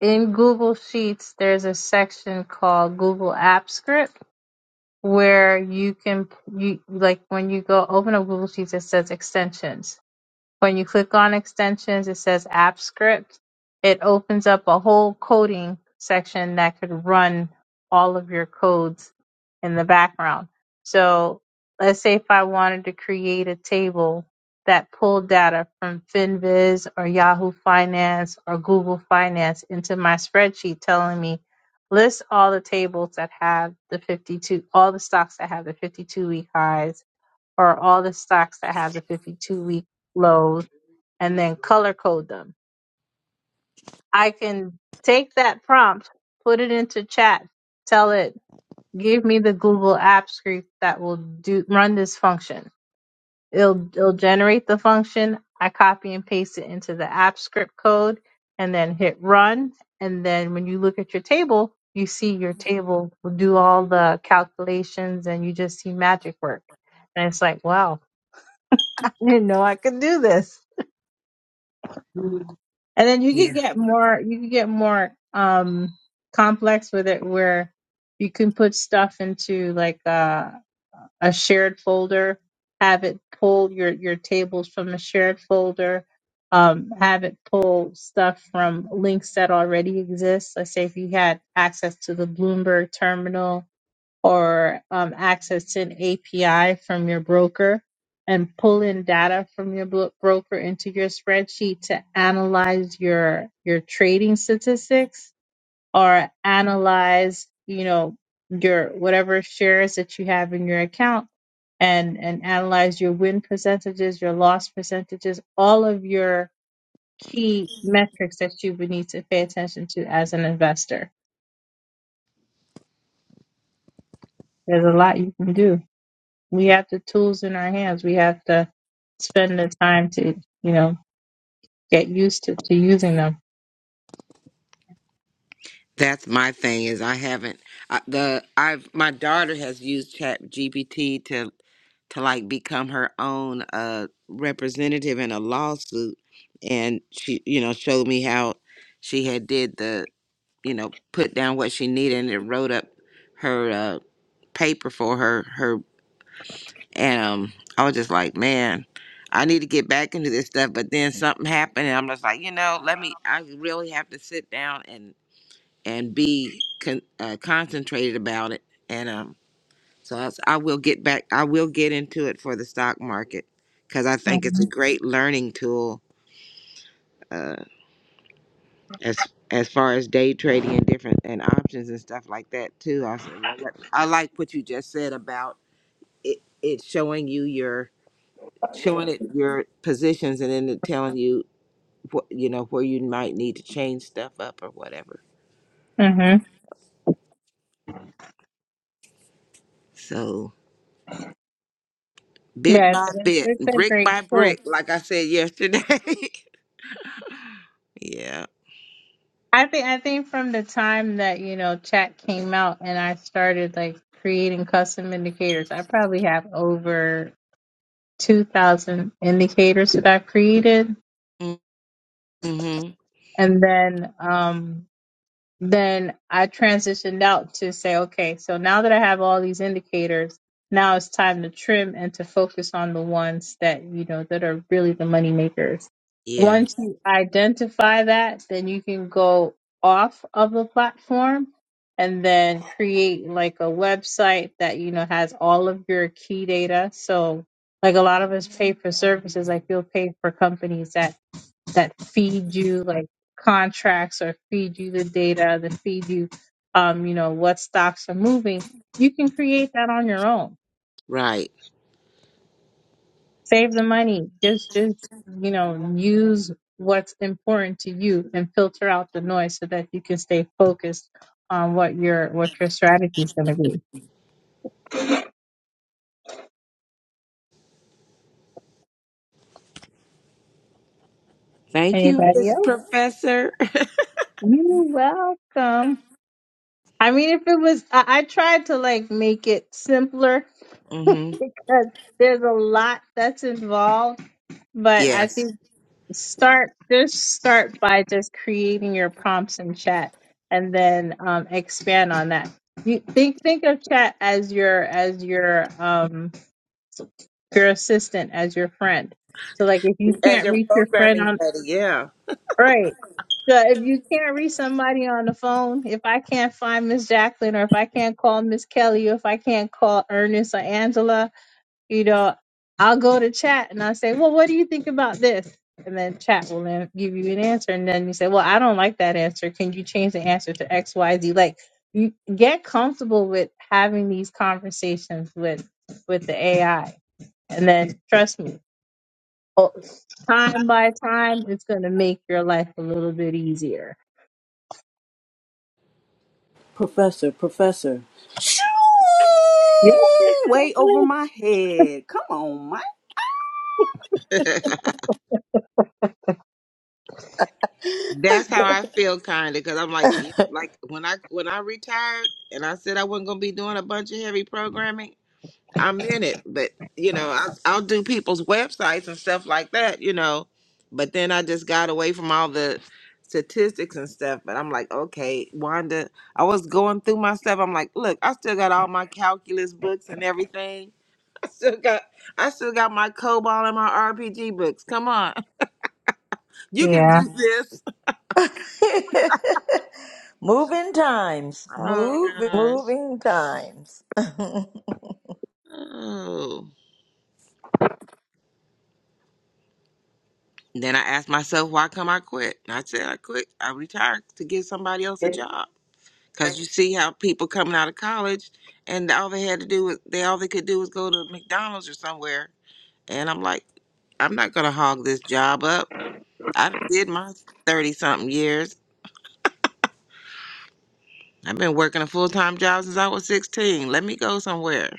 in Google Sheets, there's a section called Google Apps Script where you can you like when you go open up Google Sheets, it says extensions. When you click on extensions, it says app script. It opens up a whole coding section that could run all of your codes in the background. So let's say if I wanted to create a table that pulled data from FinViz or Yahoo Finance or Google Finance into my spreadsheet telling me list all the tables that have the 52, all the stocks that have the 52 week highs or all the stocks that have the 52 week lows and then color code them. I can take that prompt, put it into chat, tell it, give me the Google app script that will do run this function. It'll it'll generate the function. I copy and paste it into the app script code and then hit run. And then when you look at your table, you see your table will do all the calculations and you just see magic work. And it's like, wow, I didn't know I could do this. And then you
Yeah,
could get more you could get more um complex with it where you can put stuff into like uh, a shared folder, have it pull your your tables from a shared folder, um, have it pull stuff from links that already exist. Let's say if you had access to the Bloomberg terminal or um, accessing API from your broker and pulling data from your bro- broker into your spreadsheet to analyze your your trading statistics or analyze you know your whatever shares that you have in your account and and analyze your win percentages your loss percentages all of your key metrics that you would need to pay attention to as an investor there's a lot you can do we have the tools in our hands. We have to spend the time to, you know, get used to, to using them.
that's my thing. Is I haven't I, the I've my daughter has used Chat GPT to to like become her own uh representative in a lawsuit, and she you know showed me how she had did the you know put down what she needed and it wrote up her uh paper for her her And um, I was just like, man, I need to get back into this stuff. But then something happened, and I'm just like, you know, let me. I really have to sit down and and be con- uh, concentrated about it. And um, so I, s- I will get back. I will get into it for the stock market because I think it's
hmm
a great learning tool. Uh, as as far as day trading and different and options and stuff like that too. I said, well, let- I like what you just said about it. It's showing you your showing it your positions and then it telling you what you know where you might need to change stuff up or whatever.
hmm
So bit
Yeah, it's,
by bit,
it's a
brick
great
by
tool.
brick, like I said yesterday. yeah.
I think I think from the time that you know chat came out and I started like creating custom indicators, I probably have over 2000 indicators that I've created.
Mm-hmm.
And then um, then I transitioned out to say, okay, so now that I have all these indicators, now it's time to trim and to focus on the ones that, you know, that are really the money makers.
Yeah.
Once you identify that, then you can go off of the platform and then create like a website that, you know, has all of your key data. So like a lot of us pay for services, like you'll pay for companies that that feed you like contracts or feed you the data that feed you um you know what stocks are moving you can create that on your own
Right.
save the money just just you know use what's important to you and filter out the noise so that you can stay focused on what your what your strategy is going to be
Thank you,
anybody
Miss
else
Professor.
you're welcome i mean if it was I, I tried to like make it simpler
Mm-hmm.
because there's a lot that's involved But I
Yes.
think start just start by just creating your prompts in chat and then um, expand on that. You think think of chat as your as your um your assistant, as your friend. So like if you
As
can't
your
reach your friend
programming
on
buddy, yeah.
right. So if you can't reach somebody on the phone, if I can't find Miss Jacqueline or if I can't call Miss Kelly or if I can't call Ernest or Angela, you know, I'll go to chat and I say, well, what do you think about this? And then chat will then give you an answer. And then you say, well, I don't like that answer. Can you change the answer to X, Y, Z? Like you get comfortable with having these conversations with, with the AI. And then trust me, o- time by time, it's going to make your life a little bit easier.
Professor, professor. Shoo!
Yeah.
Way over my head. Come on, Mike.
That's how I feel kind of because I'm like, yeah, like when I when I retired and I said I wasn't gonna be doing a bunch of heavy programming, I'm in it, but you know, I, I'll do people's websites and stuff like that, you know. But then I just got away from all the statistics and stuff. But I'm like, okay, Wanda, I was going through my stuff. I'm like, look, I still got all my calculus books and everything. I still got, I still got my COBOL and my RPG books. Come on, you can
Yeah.
do this.
moving times,
Oh
move
gosh.
moving times. yeah,
Oh. Then I asked myself, why come I quit? And I said, I quit. I retired to give somebody else a job. Cause you see how people coming out of college and all they had to do was they all they could do was go to McDonald's or somewhere. And I'm like, I'm not gonna hog this job up. I did my thirty something years. I've been working a full time job since I was sixteen. Let me go somewhere.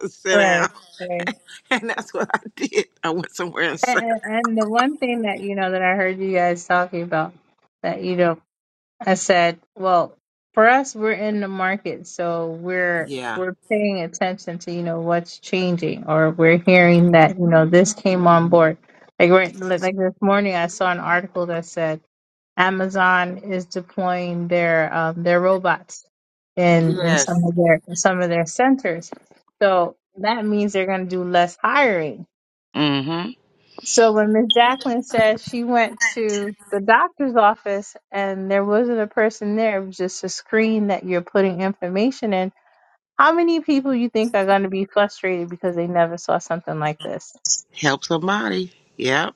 Sit down.
Right. Right.
And that's what I did. I went somewhere and
And,
sat.
and and the one thing that, you know, that I heard you guys talking about that, you know, I said, well, for us, we're in the market, so we're
Yeah.
we're paying attention to you know what's changing, or we're hearing that you know this came on board. Like we're, like like this morning, I saw an article that said Amazon is deploying their um, their robots in in
Yes.
some of their in some of their centers. So that means they're going to do less hiring
Mm-hmm.
so when Miss Jacqueline said she went to the doctor's office and there wasn't a person there, it was just a screen that you're putting information in. How many people you think are going to be frustrated because they never saw something like this?
Help somebody. Yep.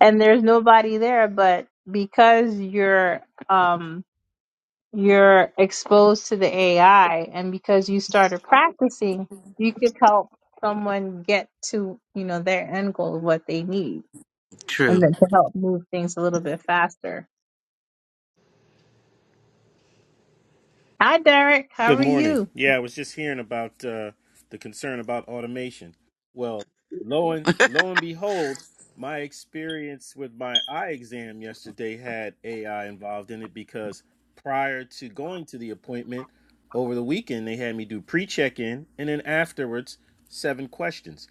And there's nobody there, but because you're um, you're exposed to the AI and because you started practicing, you could help someone get to you know their end goal of what they need and
True.
then to help move things a little bit faster Hi, Derek. How
Good
are
morning.
you?
Yeah, I was just hearing about uh, the concern about automation. Well, lo and lo and behold, my experience with my eye exam yesterday had AI involved in it because prior to going to the appointment over the weekend, they had me do pre-check-in and then afterwards seven questions.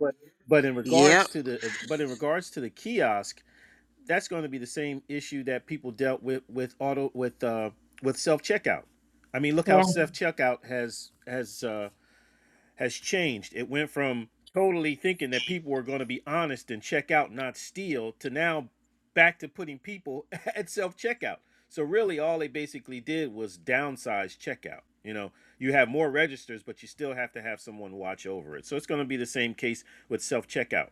But but in regards
Yep.
to the but in regards to the kiosk, that's going to be the same issue that people dealt with with auto with uh, with self checkout. I mean, look how
Yeah.
self checkout has has uh, has changed. It went from totally thinking that people were going to be honest and check out, not steal, to now back to putting people at self checkout. So really, all they basically did was downsize checkout. You know, you have more registers, but you still have to have someone watch over it. So it's going to be the same case with self checkout,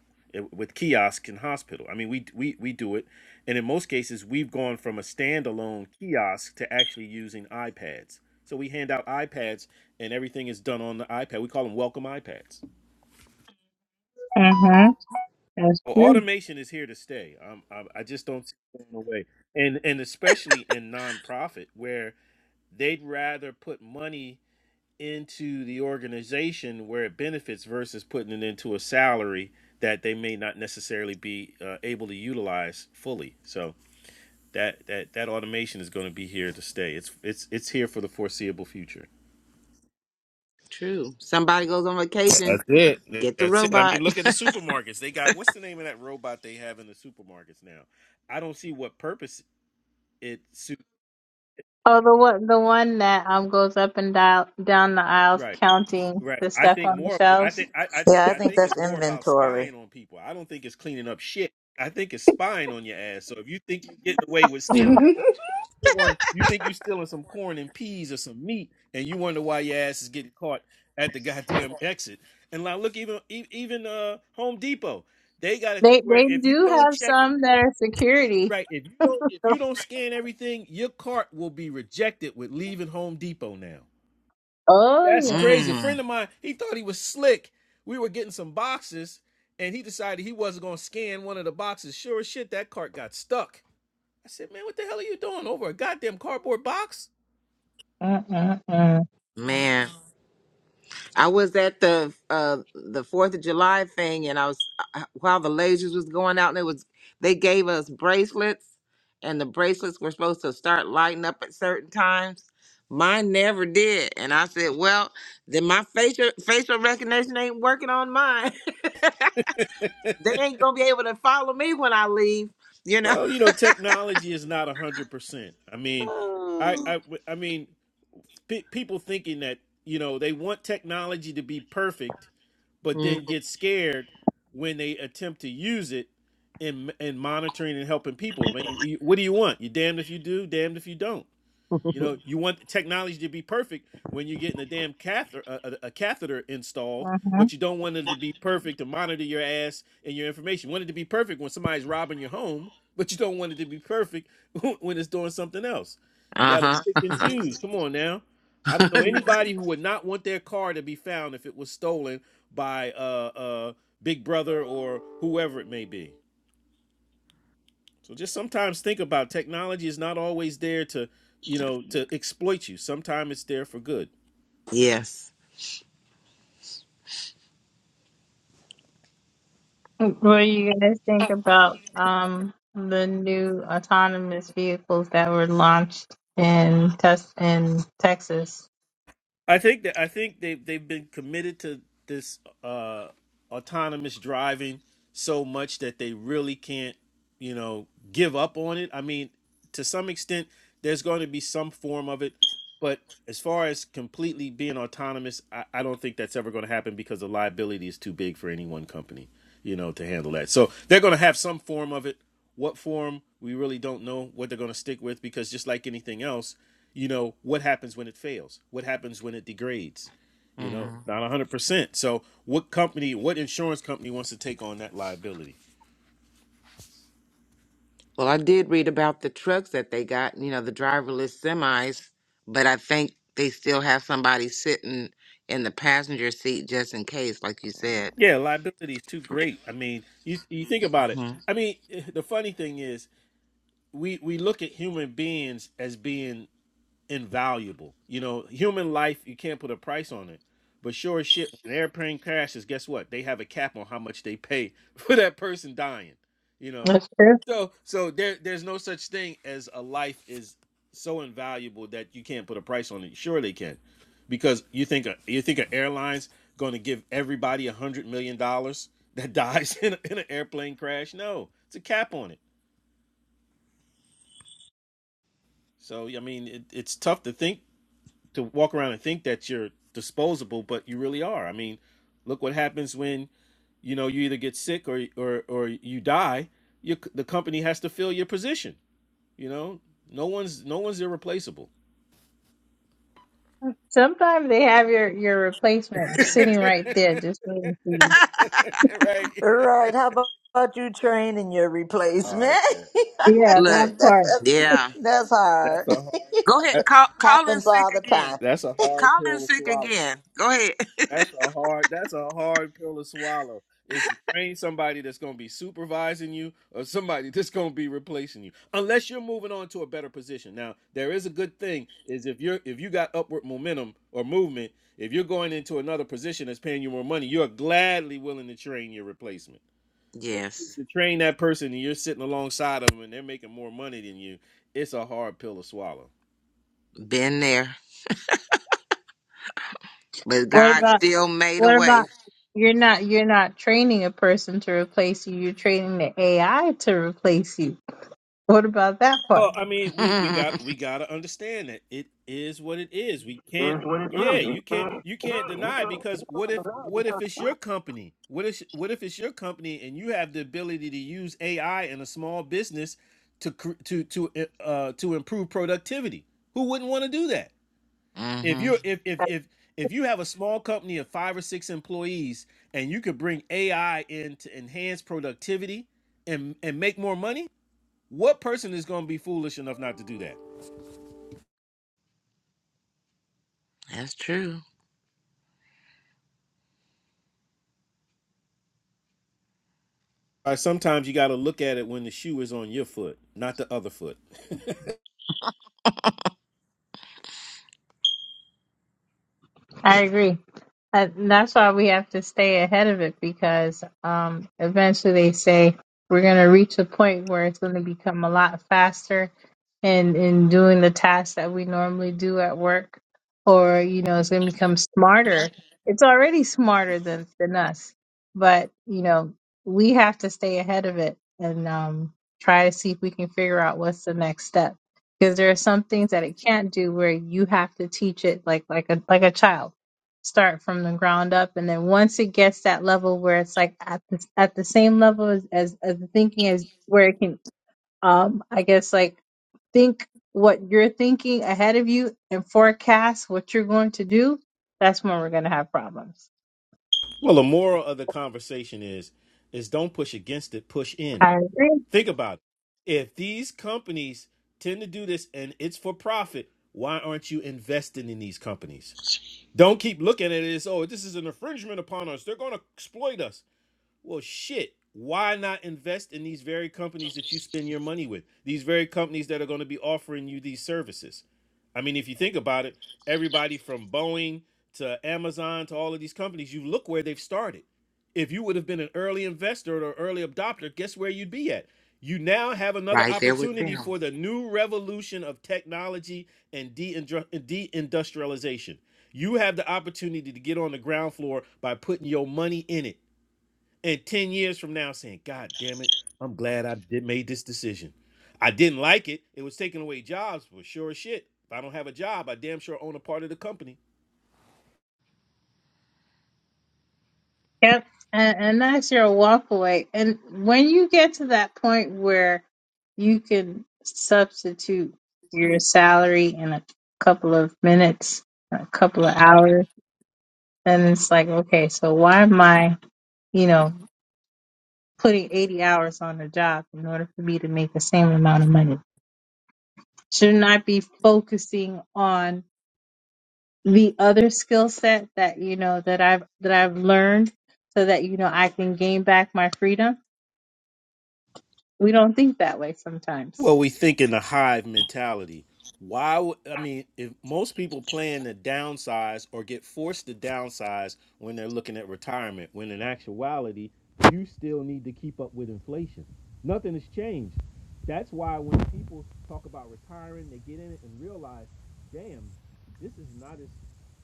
with kiosks in hospital. I mean, we we we do it, and in most cases, we've gone from a standalone kiosk to actually using iPads. So we hand out iPads, and everything is done on the iPad. We call them welcome iPads
Mm-hmm. That's
Well,
true.
automation is here to stay. Um, I, I just don't see it going away, and and especially in nonprofit where they'd rather put money into the organization where it benefits versus putting it into a salary that they may not necessarily be uh, able to utilize fully. So that that that automation is going to be here to stay. It's it's it's here for the foreseeable future.
True. Somebody goes on
That's
vacation,
it.
get the
That's it. I
robot.
mean, look at the supermarkets. They got what's the name of that robot they have in the supermarkets now? I don't see what purpose it suit
Oh, the one, the one that um goes up and dial, down the aisles
right
counting
right
the
i
stuff
think
on the
more i
shelves.
think I, I think
I
i
think
think
that's
it's more about
inventory.
spying on people i don't think it's cleaning up shit i think it's spying on your ass so if you think you're getting away with stealing corn you think you're stealing some corn and peas or some meat and you wonder why your ass is getting caught at the goddamn exit and like look even e- even uh home depot they got a thing
They
where
they
if you
do
don't
have
check it
some that are security.
right if you don't if you don't scan everything your cart will be rejected with leaving home depot now
Oh
That's
yeah.
crazy. A
Mm.
friend of mine, he thought he was slick. We were getting some boxes, and he decided he wasn't gonna scan one of the boxes. Sure as shit, that cart got stuck. I said, "Man, what the hell are you doing over a goddamn cardboard box?"
Mm-mm-mm.
Man, I was at the uh the Fourth of July thing, and I was uh, while the lasers was going out, and it was they gave us bracelets, and the bracelets were supposed to start lighting up at certain times. Mine never did, and I said, "Well, then my facial facial recognition ain't working on mine. they ain't gonna be able to follow me when I leave." You know.
Well, you know, technology is not one hundred percent. I mean, I, I, I mean, pe- people thinking that you know they want technology to be perfect, but then get scared when they attempt to use it in in monitoring and helping people. I mean, you- what do you want? You're damned if you do, damned if you don't. You know, you want technology to be perfect when you're getting a damn catheter, a, a, catheter installed, but
Mm-hmm.
you don't want it to be perfect to monitor your ass and your information. You want it to be perfect when somebody's robbing your home, but you don't want it to be perfect when it's doing something else. You got to
uh
pick and
huh.
choose. Come on now. I don't know anybody who would not want their car to be found if it was stolen by uh, uh, Big Brother or whoever it may be. So just sometimes think about technology is not always there to, you know, to exploit you. Sometimes it's there for good.
yes.
What do you guys think about um the new autonomous vehicles that were launched in Tes in Texas?
I think that I think they have they've been committed to this uh, autonomous driving so much that they really can't, you know, give up on it. I mean, to some extent, there's going to be some form of it, but as far as completely being autonomous, I, I don't think that's ever going to happen because the liability is too big for any one company, you know, to handle that. So they're going to have some form of it What form, we really don't know what they're going to stick with because just like anything else, you know, what happens when it fails? What happens when it degrades? You know,
Mm-hmm.
not 100%. So, what company, what insurance company wants to take on that liability?
Well, I did read about the trucks that they got, you know, the driverless semis, but I think they still have somebody sitting in the passenger seat just in case, like you said.
Yeah, liability is too great. I mean, you, you think about it.
hmm
I mean, the funny thing is, we we look at human beings as being invaluable. You know, human life you can't put a price on it. But sure as shit, when an airplane crashes, guess what? They have a cap on how much they pay for that person dying. You know,
That's true.
so so there there's no such thing as a life is so invaluable that you can't put a price on it. Sure they can, because you think a, you think an airline's going to give everybody a hundred million dollars that dies in, a, in an airplane crash? No, it's a cap on it. So I mean, it, it's tough to think to walk around and think that you're disposable, but you really are. I mean, look what happens when you know you either get sick or or or you die. Your, the company has to fill your position. You know, no one's no one's irreplaceable.
Sometimes they have your your replacement
right.
sitting right there, just waiting for you.
Right. How about about you training your
Oh
replacement?
yeah.
Yeah,
Look,
that part.
That-
yeah.
yeah.
That's hard.
That's a hard.
Go ahead.
that-
Call, call in
Happens
sick
all the
again.
time.
that's a hard
Call in
pill to
sick
swallow.
again. Go ahead.
That's a hard. That's a hard pill to swallow. Is to train somebody that's going to be supervising you, or somebody that's going to be replacing you, unless you're moving on to a better position. Now, there is a good thing is if you're if you got upward momentum or movement, if you're going into another position that's paying you more money, you're gladly willing to train your replacement. But if it's
Yes,
to train that person and you're sitting alongside of them and they're making more money than you, it's a hard pill to swallow.
been there, but
What
God
about
still made a
what
way.
about you're not you're not training a person to replace you. You're training the AI to replace you. What about that part?
Well, I mean, we we
hmm
got we got to understand that it is what it is. We can't.
Is what it is.
Yeah,
You
you can't
can't,
you
yeah,
can't
you
deny it
can't, you
because what
can't
if
deny it
what
because
if it's
what
your company? What if what if it's your company and you have the ability to use AI in a small business to cr- to to uh to improve productivity? Who wouldn't want to do that? If you're if if if if you have a small company of 5 or 6 employees and you could bring AI in to enhance productivity and and make more money, what person is going to be foolish enough not to do that?
That's true.
Uh, Sometimes you got to look at it when the shoe is on your foot, not the other foot.
I agree. Uh, that's why we have to stay ahead of it because um, eventually they say we're going to reach a point where it's going to become a lot faster in, in doing the tasks that we normally do at work, or, you know, it's going to become smarter. It's already smarter than, than us, but, you know, we have to stay ahead of it and um, try to see if we can figure out what's the next step. Because there are some things that it can't do where you have to teach it like like a like a child start from the ground up and then once it gets that level where it's like at the, at the same level as, as as the thinking as where it can um i guess like think what you're thinking ahead of you and forecast what you're going to do that's when we're going to have problems
well, the moral of the conversation is is don't push against it, push in.
i agree
Think about it. If these companies tend to do this and it's for profit, why aren't you investing in these companies? Don't keep looking at it as, oh, this is an infringement upon us. They're going to exploit us. Well, shit. Why not invest in these very companies that you spend your money with? These very companies that are going to be offering you these services. I mean, if you think about it, everybody from Boeing to Amazon to all of these companies, you look where they've started. If you would have been an early investor or early adopter, guess where you'd be at? You now have another
Right there with
opportunity
them.
for the new revolution of technology and deindru- deindustrialization. You have the opportunity to get on the ground floor by putting your money in it and 10 years from now saying, God damn it, I'm glad I did made this decision. I didn't like it. It was taking away jobs for sure as shit. If I don't have a job, I damn sure own a part of the company.
yep and, and that's your walk away and when you get to that point where you can substitute your salary in a couple of minutes a couple of hours And it's like, okay, so why am I, you know, putting 80 hours on a job in order for me to make the same amount of money? Shouldn't I be focusing on the other skill set that, you know, that I've, that I've learned so that, you know, I can gain back my freedom? We don't think that way sometimes.
Well, we think in the hive mentality. Why? would- I mean, if most people plan to downsize or get forced to downsize when they're looking at retirement, when in actuality, you still need to keep up with inflation. Nothing has changed. That's why when people talk about retiring, they get in it and realize, damn, this is not as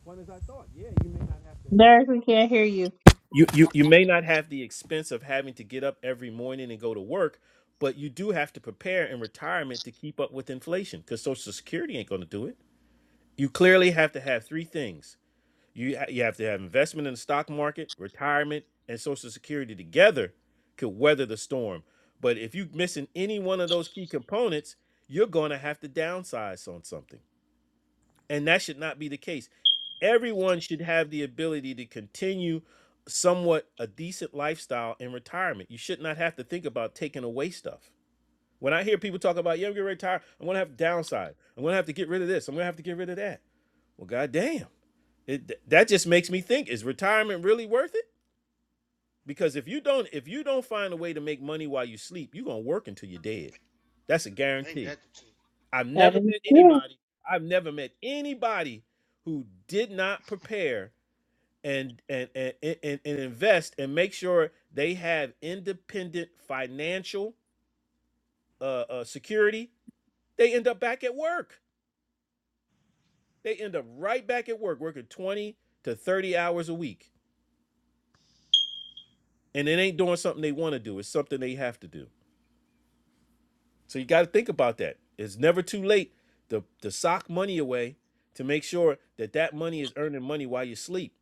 fun as I thought. Yeah, you may not have to
Derek, we can't hear you.
you, you you may not have the expense of having to get up every morning and go to work, but you do have to prepare in retirement to keep up with inflation because Social Security ain't going to do it. You clearly have to have three things. You ha- you have to have investment in the stock market, retirement, and Social Security together could weather the storm. But if you're missing any one of those key components, you're going to have to downsize on something and that should not be the case. Everyone should have the ability to continue somewhat a decent lifestyle in retirement. You should not have to think about taking away stuff. When I hear people talk about, yeah, I'm gonna retire, I'm gonna have to downside, I'm gonna have to get rid of this, I'm gonna have to get rid of that. Well, goddamn, it that just makes me think: Is retirement really worth it? Because if you don't, if you don't find a way to make money while you sleep, you're gonna work until you're dead. That's a
I think
guarantee.
that
I've
That
never
is
met
true.
anybody. I've never met anybody who did not prepare and and and and, and invest and make sure they have independent financial uh, uh, security. They end up back at work. They end up right back at work, working twenty to thirty hours a week, and it ain't doing something they want to do. It's something they have to do. So you got to think about that. It's never too late to to sock money away to make sure that that money is earning money while you sleep.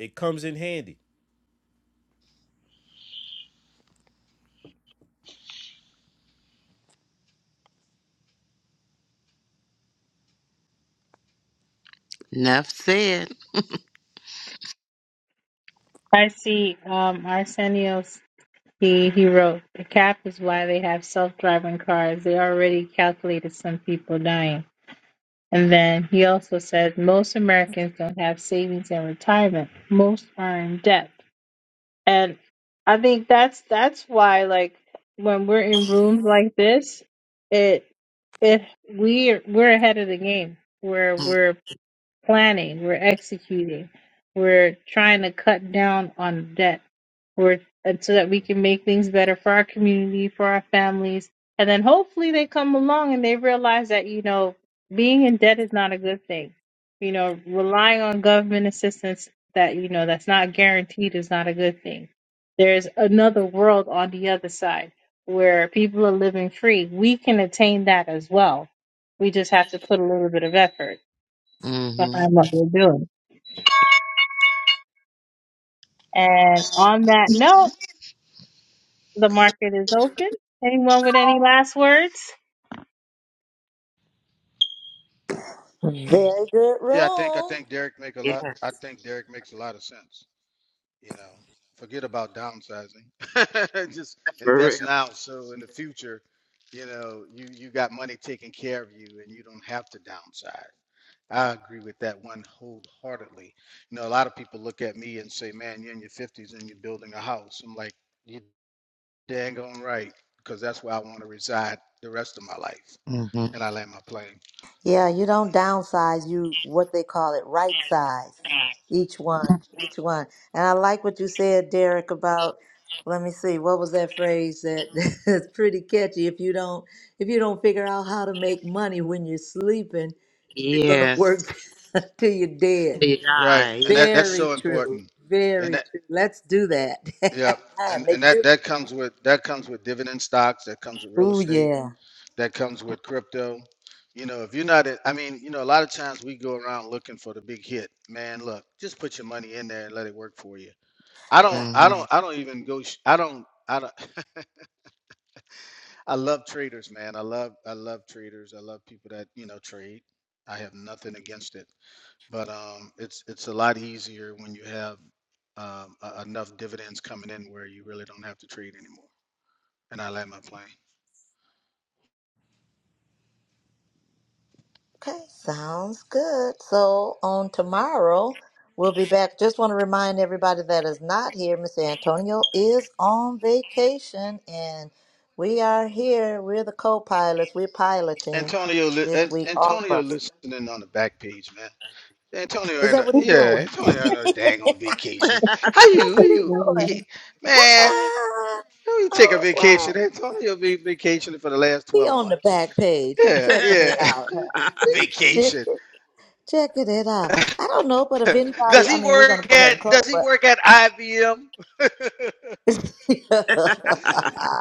It comes in handy.
Enough said.
I see, um, Arsenio's, he, he wrote, the cap is why they have self-driving cars. They already calculated some people dying. And then he also said most Americans don't have savings and retirement. Most are in debt. And I think that's that's why like when we're in rooms like this, it it we we're we're ahead of the game. We're we're planning, we're executing, we're trying to cut down on debt, we're and so that we can make things better for our community, for our families, and then hopefully they come along and they realize that you know being in debt is not a good thing. You know, relying on government assistance that you know that's not guaranteed is not a good thing. There's another world on the other side where people are living free. We can attain that as well. We just have to put a little bit of effort
hmm
behind what we're doing. And on that note, the market is open. Anyone with any last words?
Very good
yeah, I think I
room.
think Derek make a
Yeah,
lot I think Derek makes a lot of sense. You know, forget about downsizing. Just
for real.
invest now so in the future, you know, you you got money taking care of you and you don't have to downsize. I agree with that one wholeheartedly. You know, a lot of people look at me and say, "Man, you're in your 50s and you're building a house." I'm like, "You dang on right, because that's where I want to reside the rest of my life."
Mm-hmm.
And I land my plane.
Yeah, you don't downsize. You what they call it, right size. Each one, each one. And I like what you said, Derek, about. Let me see. What was that phrase that is pretty catchy? If you don't, if you don't figure out how to make money when you're sleeping, you're gonna
Yes.
work till you're dead.
Right,
Yeah.
and that, that's
Very
so
true.
important.
Very
And
true. Let's do that.
Yeah,
I
and and
Make
that
sure.
that comes with that comes with dividend stocks. That comes with real
Oh
estate.
yeah.
That comes with crypto. You know, if you're not, in, I mean, you know, a lot of times we go around looking for the big hit. Man, look, just put your money in there and let it work for you. I
Right.
don't, I
Mm-hmm.
don't, I don't even go. sh- I don't, I don't. I love traders, man. I love, I love traders. I love people that you know trade. I have nothing against it, but um, it's it's a lot easier when you have um, uh, enough dividends coming in where you really don't have to trade anymore. and I land my plane.
Okay, sounds good. So on tomorrow, we'll be back. Just want to remind everybody that is not here. Miss Antonio is on vacation, and we are here. We're the co-pilots. We're piloting
Antonio, li-
this
An-
week, all of
Antonio,
us.
listening on the back page, man. Antonio,
Is
and
that what he's
yeah,
doing?
Antonio, and a dang on vacation. How
That's
you,
what he's
you,
doing.
Mhm.
he, man?
Wow!
How you take a
Oh wow!
vacation? Antonio be vacationing for the last
He
twelve
on the
months.
back page. He
Yeah,
checking it
yeah,
out. huh? Check,
vacation.
checking it out. I don't know, but if
does
anybody, I
he
mean, we're gonna
work
go ahead
at
and close,
Does he
but
work at IBM?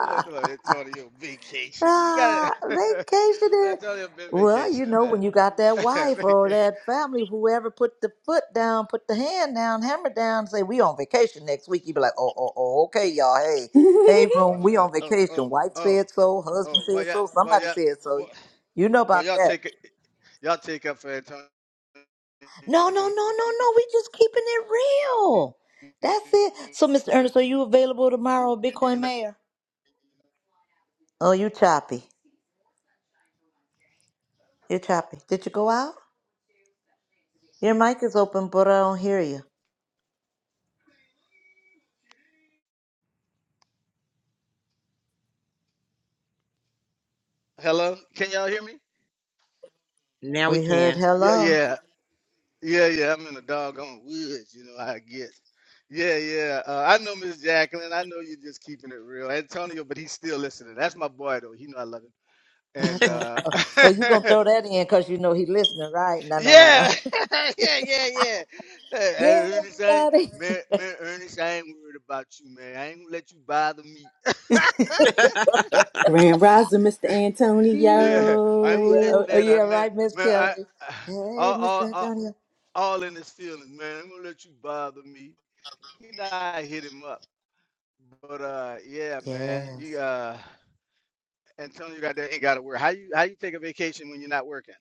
That's what Antonio vacationing. You got
ah,
to
vacationing.
Antonio been
Well, you
vacationing,
know, when
man.
you got that wife or that family, whoever put the foot down, put the hand down, hammer down, say we on vacation next week. You be like, oh, oh, oh, okay, y'all. Hey, hey, room,
Oh,
we
that.
on
Oh,
vacation.
oh,
Wife
oh,
said so. Husband
oh. Well,
said
yeah,
so.
well,
Somebody
yeah,
said so.
well,
You know
well
about
y'all
that.
take it. Y'all take up for Antonio
No, no, no, no, no. We just keeping it real. That's it. So, Mr. Ernest, are you available tomorrow, Bitcoin Mayor? Oh, you choppy. You choppy. Did you go out? Your mic is open, but I don't hear you.
Hello, can y'all hear me?
now we
We heard
can.
Yeah,
hello.
yeah, yeah, yeah. I'm in the doggone woods. You know how it gets. Yeah, yeah. Uh, I know Miss Jacqueline. I know you're just keeping it real, Antonio. But he's still listening. That's my boy, though. He know I love him.
I
And
do Oh, oh, you
uh,
gonna throw that in because you know he listening, right? No, no, no, no.
Yeah, yeah, yeah, yeah. Hey, hey,
Yeah,
Ernest, I ain't,
everybody.
man, man, Ernest, I ain't worried about you, man. I ain't gonna let you bother me.
Grand Rising, Mr.
Yeah.
Yeah, I
Oh
ain't
yeah.
gonna let,
Oh,
Antonio.
oh
man,
yeah.
I, man,
Right, Miss
man,
Kelly.
I, I
Hey,
all,
Mr.
all, all,
Antonio.
all in his feelings, man. I ain't gonna let you bother me. You know, I hit him up, but uh, yeah, man,
Yes.
you uh, Antonio got that ain't gotta work. How you, how you take a vacation when you're not working?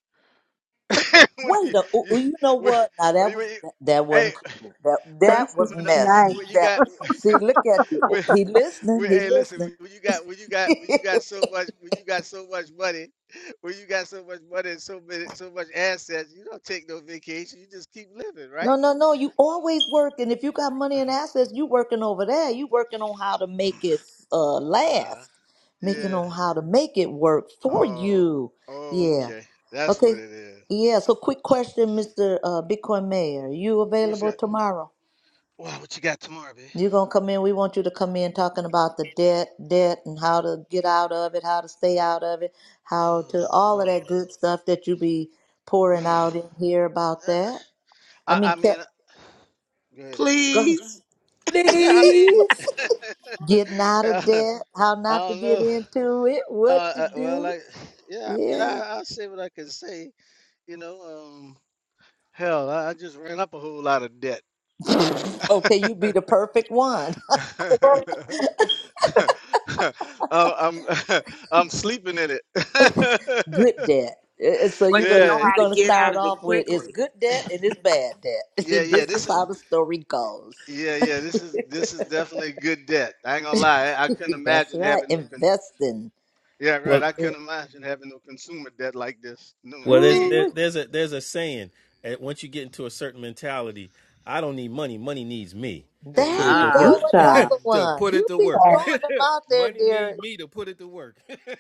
when you,
Wait a, ooh,
you,
ooh, you know
when,
what? Now
when
that
you,
was
when you-
that
hey,
wasn't cool. That
when,
that
That's
was
when, the- when you,
nice.
messy.
when you
That
got.
see, look at you. Ooh,
when,
He listening.
when,
He
hey, listen,
listening.
when, when you got when you got when you got so much when you got so much money, when you got so much money and so many so much assets, you don't take no vacation. You just keep living,
no,
right?
no, no. You always working. If you got money and assets, you working over there. You working on how to make it uh
Uh huh.
last. Making
Yeah.
on how to make it work for
Oh.
you.
Oh.
Yeah.
Okay. That's what
Okay.
it is.
Yeah. So, quick question, Mister uh, Bitcoin Mayor. You
You What's
available
that?
tomorrow?
Wow. What you got tomorrow, babe?
You're gonna come in. We want you to come in talking about the debt, debt, and how to get out of it, how to stay out of it, how to all of that
Oh
good stuff that you be
Lord.
pouring out in here about
Uh,
that. I
I,
mean,
I mean,
ke-
go ahead. I'm
go
listening.
ahead.
Please.
Yeah. I mean,
Please.
Getting out of
I
debt, how not to
don't
get
know.
into it, what
Uh,
to
uh, well,
do.
I yeah, I mean, I,
Yeah.
I'll say what I can say. You know, um, hell, I, I just ran up a whole lot of debt.
Okay, you be the perfect one.
Uh, I'm I'm sleeping in it.
good debt. Uh, uh, So
But
you're
you
gonna
know
Yeah,
you're
how to
gonna
get out
start
of it
off with it's
quickly.
good debt and it's bad debt.
yeah, yeah.
this is
This is
how the story goes.
yeah, yeah. This is this is definitely good debt. I ain't gonna lie. I, I couldn't
That's
imagine
right.
having no. Cons-
Investing.
yeah, right.
Well,
I couldn't imagine having no consumer debt like this. No,
well, there's
indeed,
there,
no.
Ooh,
there's a there's a saying. At, once you get into a certain mentality, I don't need money. Money needs me
There
to
you
put
there
it
go.
you
to
go,
Ooh,
Ah.
work.
child.
another
to
one.
put it
You
to
be
work.
throwing them out there,
Money need
Derek.
me to put it to work.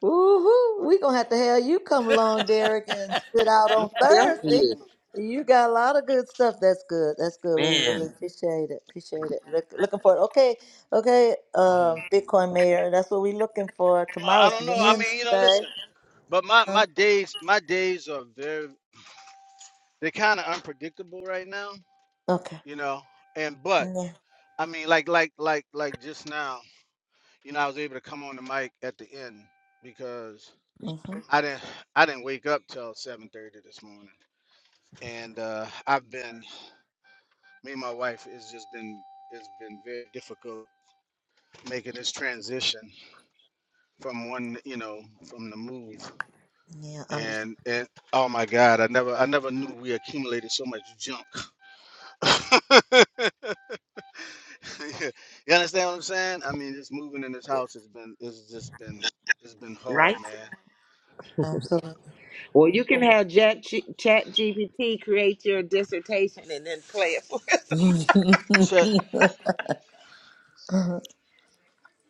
Woo-hoo. we gonna have to have you come along, Derek, and sit out on
Tell
Thursday.
you.
You got a lot of good stuff. That's good. That's good. We really
Man.
appreciate it. Appreciate it. Look, looking for it. Okay, okay,
Mhm.
um, Bitcoin Mayor. That's what we looking for.
Well, I
Tomorrow's
don't know. I mean, you know,
Wednesday.
listen. But my
Huh?
my days my days are very they're kind of unpredictable right now,
Okay.
you know. And but
Yeah.
I mean, like like like like just now, you know, I was able to come on the mic at the end because
Mm-hmm.
I didn't I didn't wake up till seven thirty this morning, and uh, I've been me and my wife it's just been it's been very difficult making this transition from one you know from the move
Yeah, understand.
and and oh my god i never i never knew we accumulated so much junk You understand what I'm saying? I mean, just moving in this house has been it's just been it's been
Right?
hard, man.
Absolutely.
Well, you can have Chat, G- Chat GPT create your dissertation and then play it. for-
Shit.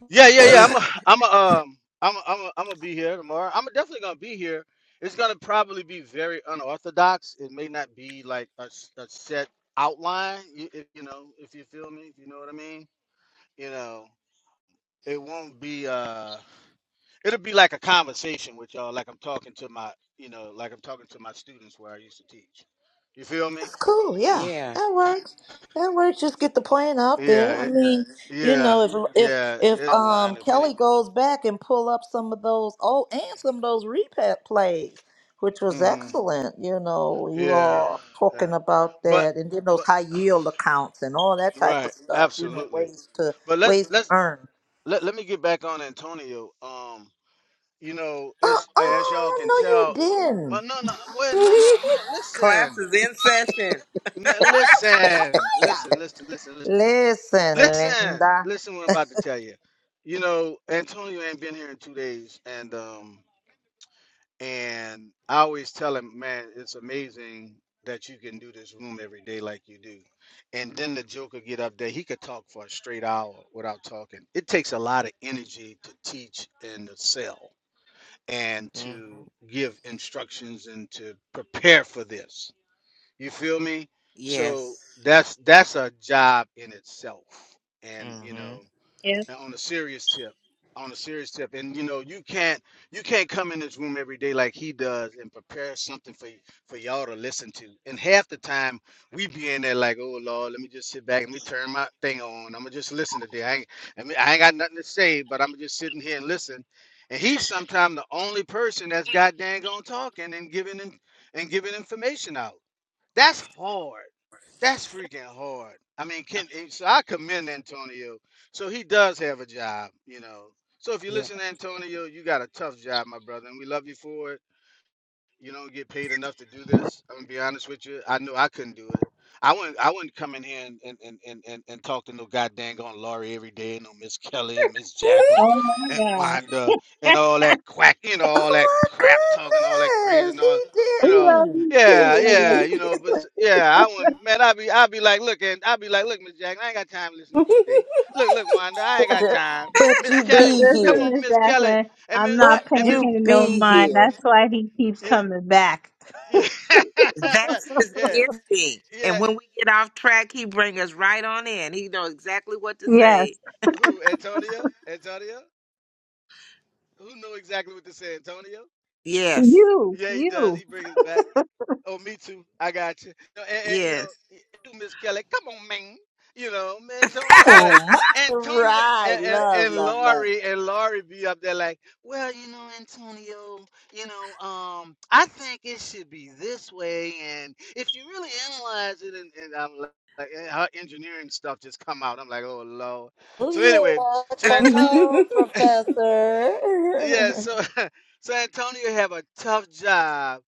Yeah, yeah, yeah. I'm a, I'm a, um I'm a, I'm a, I'm gonna be here tomorrow. I'm definitely gonna be here. It's gonna probably be very unorthodox. It may not be like a, s- a set outline. You, if you know, if you feel me, if you know what I mean. You know, it won't be. uh It'll be like a conversation with y'all, like I'm talking to my, you know, like I'm talking to my students where I used to teach. You feel me?
Cool, yeah,
Yeah.
that works. That works. Just get the plan out
Yeah,
there. I
it,
mean, you
yeah,
know, if if
yeah.
if
It outline,
um
if any.
Kelly goes back and pull up some of those old and some of those repat plays, which was
hmm
excellent. You know, you
Yeah,
all
yeah.
talking about
But,
that, and then those
but
high yield accounts and all that type
right,
of stuff. You know,
absolutely.
ways to
But let's
ways to
let's
earn.
let let me get back on Antonio. Um, you know,
Uh,
it's as y'all can
oh
tell.
no, you
But
didn't.
no, no, well, no, no, no.
Class
Listen,
is in session.
N-
Fire, fire,
listen,
fire.
listen, listen, listen, listen.
Listen,
Listen,
Linda.
listen what I'm about to tell you. You know, Antonio ain't been here in two days, and um, and I always tell him, man, it's amazing that you can do this room every day like you do. And then the Joker get up there, he could talk for a straight hour without talking. It takes a lot of energy to teach and to sell and
Mm-hmm.
to give instructions and to prepare for this. You feel me? So
Yes.
that's that's a job in itself and you
hmm
know
Yes.
and on a serious tip on a serious tip and you know you can't you can't come in this room every day like he does and prepare something for y- for y'all to listen to and half the time we be in there like oh lord let me just sit back and me turn my thing on i'm gonna just listen today i ain't, I, mean, I ain't got nothing to say but i'm just sitting here and listen and he's sometimes the only person that's goddamn got dang on talking and giving in, and giving information out that's hard. That's freaking hard. I mean, can and so I commend Antonio. So he does have a job, you know. So if you listen to Antonio, you got a tough job, my brother, and we love you for it you don't get paid enough to do this. I'm gonna be honest with you. I knew I couldn't do it. I wouldn't I wouldn't come in here and and, and, and, and, and talk to no goddamn on Laurie every day and no Miss Kelly and Miss Jacqueline
Oh my
and
God.
Wanda and all that quack, you know, all that
Oh
crap talking, all that
my
crazy and
goodness,
all
he
you
We
know.
love
didn't.
you too,
Yeah, yeah,
Ernest.
you know, but s- yeah, I wouldn't man, I'd be I'd be like, look, and I'd be like, look, Miss Jacqueline, I ain't got time to listen to you today. Look, look, Wanda, I ain't got time.
but
Miss
you
But
Kelly,
be
come
listen,
on,
here.
Miss
Miss Kelly,
Jacqueline,
and
I'm
Miss
not
But
and
paying
Miss.
you
him no
be
mind.
here.
That's why he keeps
yeah,
coming back.
Yeah. Yeah.
That's his gifting.
Yeah.
And when we get off track, he bring us right on in. He know exactly what to
Yes.
say.
Who? Antonio? Antonio? Who know exactly what to say, Antonio?
Yes.
You,
Yeah, he does.
you.
He brings back. Oh, me too. I got you. No, and, and, you know,
Yes.
you, Miss Kelly, come on, man. You know, man, Antonio
Come
got to
on,
Antonio
Right.
and, and,
Love,
and
love, love.
Laurie and Laurie be up there like, well, you know, Antonio, you know, um, I think it should be this way, and if you really analyze it, and, and I'm like, like, and her engineering stuff just come out. I'm like, oh lord.
Oh
So anyway,
yeah.
so
Come
Antonio,
Mike.
on,
yeah,
Professor.
so so Antonio have a tough job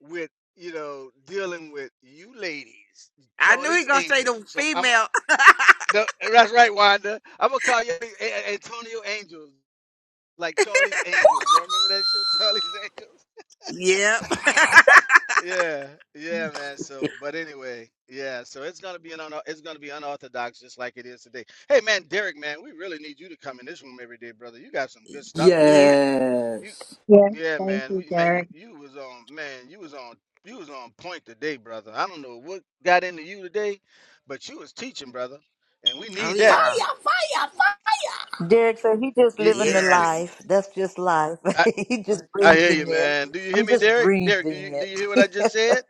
with you know dealing with you ladies,
I knew he
Charlie's
gonna say the
Angels. I'm, I'm
female.
the, that's right, Wanda. I'm gonna call you A- A- Antonio Angels, like Charlie's Angels. Y'all remember that show, Charlie's Angels?
yep.
Yeah, yeah, man. So, but anyway, yeah. So it's gonna be an un- it's gonna be unorthodox, just like it is today. Hey, man, Derek, man, we really need you to come in this room every day, brother. You got some good stuff, man.
yeah.
You.
yes.
Yes.
Yeah,
Thank
man.
you,
We, man, you,
Derek.
you was on man, you was on you was on point today, brother. I don't know what got into you today, but you was teaching, brother. And we
Oh
need
Fire,
that.
yeah.
fire, fire.
Derek said he just
You,
living
did
the
you do
Yes.
life. That's just life.
I,
he just
I hear you,
breathing it.
man. Do you hear
I'm
me,
just
Derek? Derek, do you
breathing
do you hear what I just
it.
said?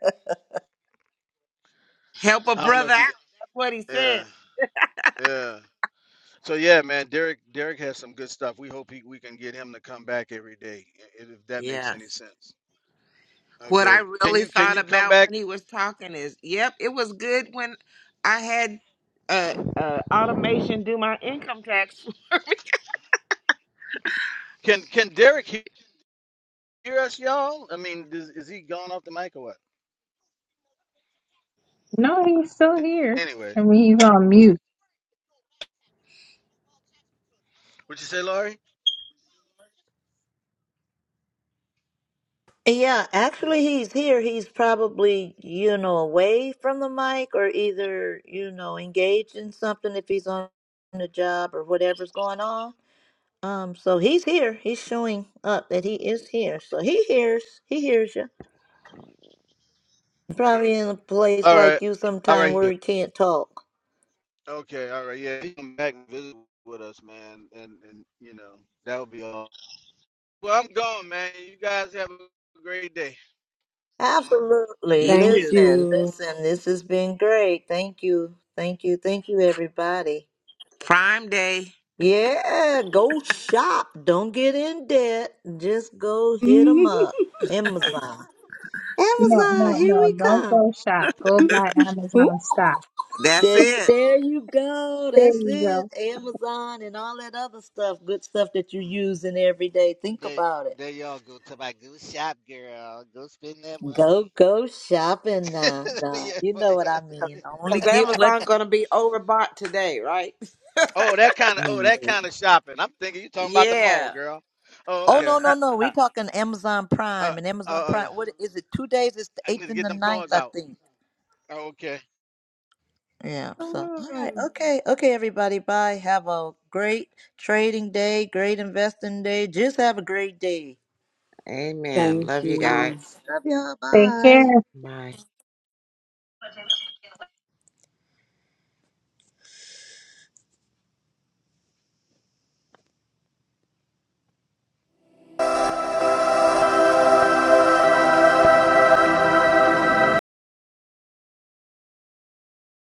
Help a
I don't know
brother out.
if you can.
That's what he
yeah,
said.
yeah. So yeah, man, Derek Derek has some good stuff. We hope he, we can get him to come back every day, i- if that makes any
Yes.
sense.
What I
Okay. Can
really
you can
thought
you come
about
back?
when he was talking is, yep, it was good when I had uh, uh automation do my income tax.
Can can Derek he- hear us, y'all? I mean, is, is he gone off the mic or what?
No, he's still here.
Anyway,
I mean, he's on mute.
what you say, Laurie?
Yeah, actually, he's here. He's probably, you know, away from the mic or either, you know, engaged in something if he's on a job or whatever's going on. Um, so he's here. He's showing up that he is here. So he hears. He hears you. Probably in a place
All right,
like you
all
sometime
right.
where
yeah.
he can't talk.
Okay, all right. Yeah, you come back and visit with us, man, and and you know that would be all. Well, I'm gone, man. You guys have a great day.
Absolutely.
You
Thank
too.
Listen,
you.
listen. This has been great. Thank you. Thank you. Thank you, everybody.
Prime day.
Yeah, go shop. Don't get in debt. Just go hit 'em up. Amazon.
No,
Amazon,
no,
here
no.
we
Don't
come.
go shop. Go buy Amazon stock.
That's
There you
it.
there you go.
There
That's
you
it.
go.
Amazon and all that other stuff, good stuff that you
Mm.
use in every day. Think
There,
about it.
there y'all go to my go shop, girl. Go spend that
Go
money.
go shopping now. Nah,
yeah,
you
but
know what I
yeah,
mean. Only
Cause
get
yeah.
what
Amazon gonna be overbought today, right?
Oh, that kind of
you
oh
need.
that kind of shopping. I'm thinking you talking about the mall,
Yeah.
girl. Oh,
Uh,
Oh
okay.
no
uh,
no no!
uh.
we talking Amazon
Uh,
Prime and Amazon
uh,
Prime. What is it? Two days. It's the
I need
eighth
to
and
get
the
them
ninth,
cards
I
out.
think.
Oh, okay.
Yeah. So, all right.
Mm.
Okay. Okay, everybody. Bye. Have a great trading day, great investing day. Just have a great day.
Amen.
Thank
Love you
Bye.
you.
guys.
Love y'all.
Take care.
Bye.
Bye.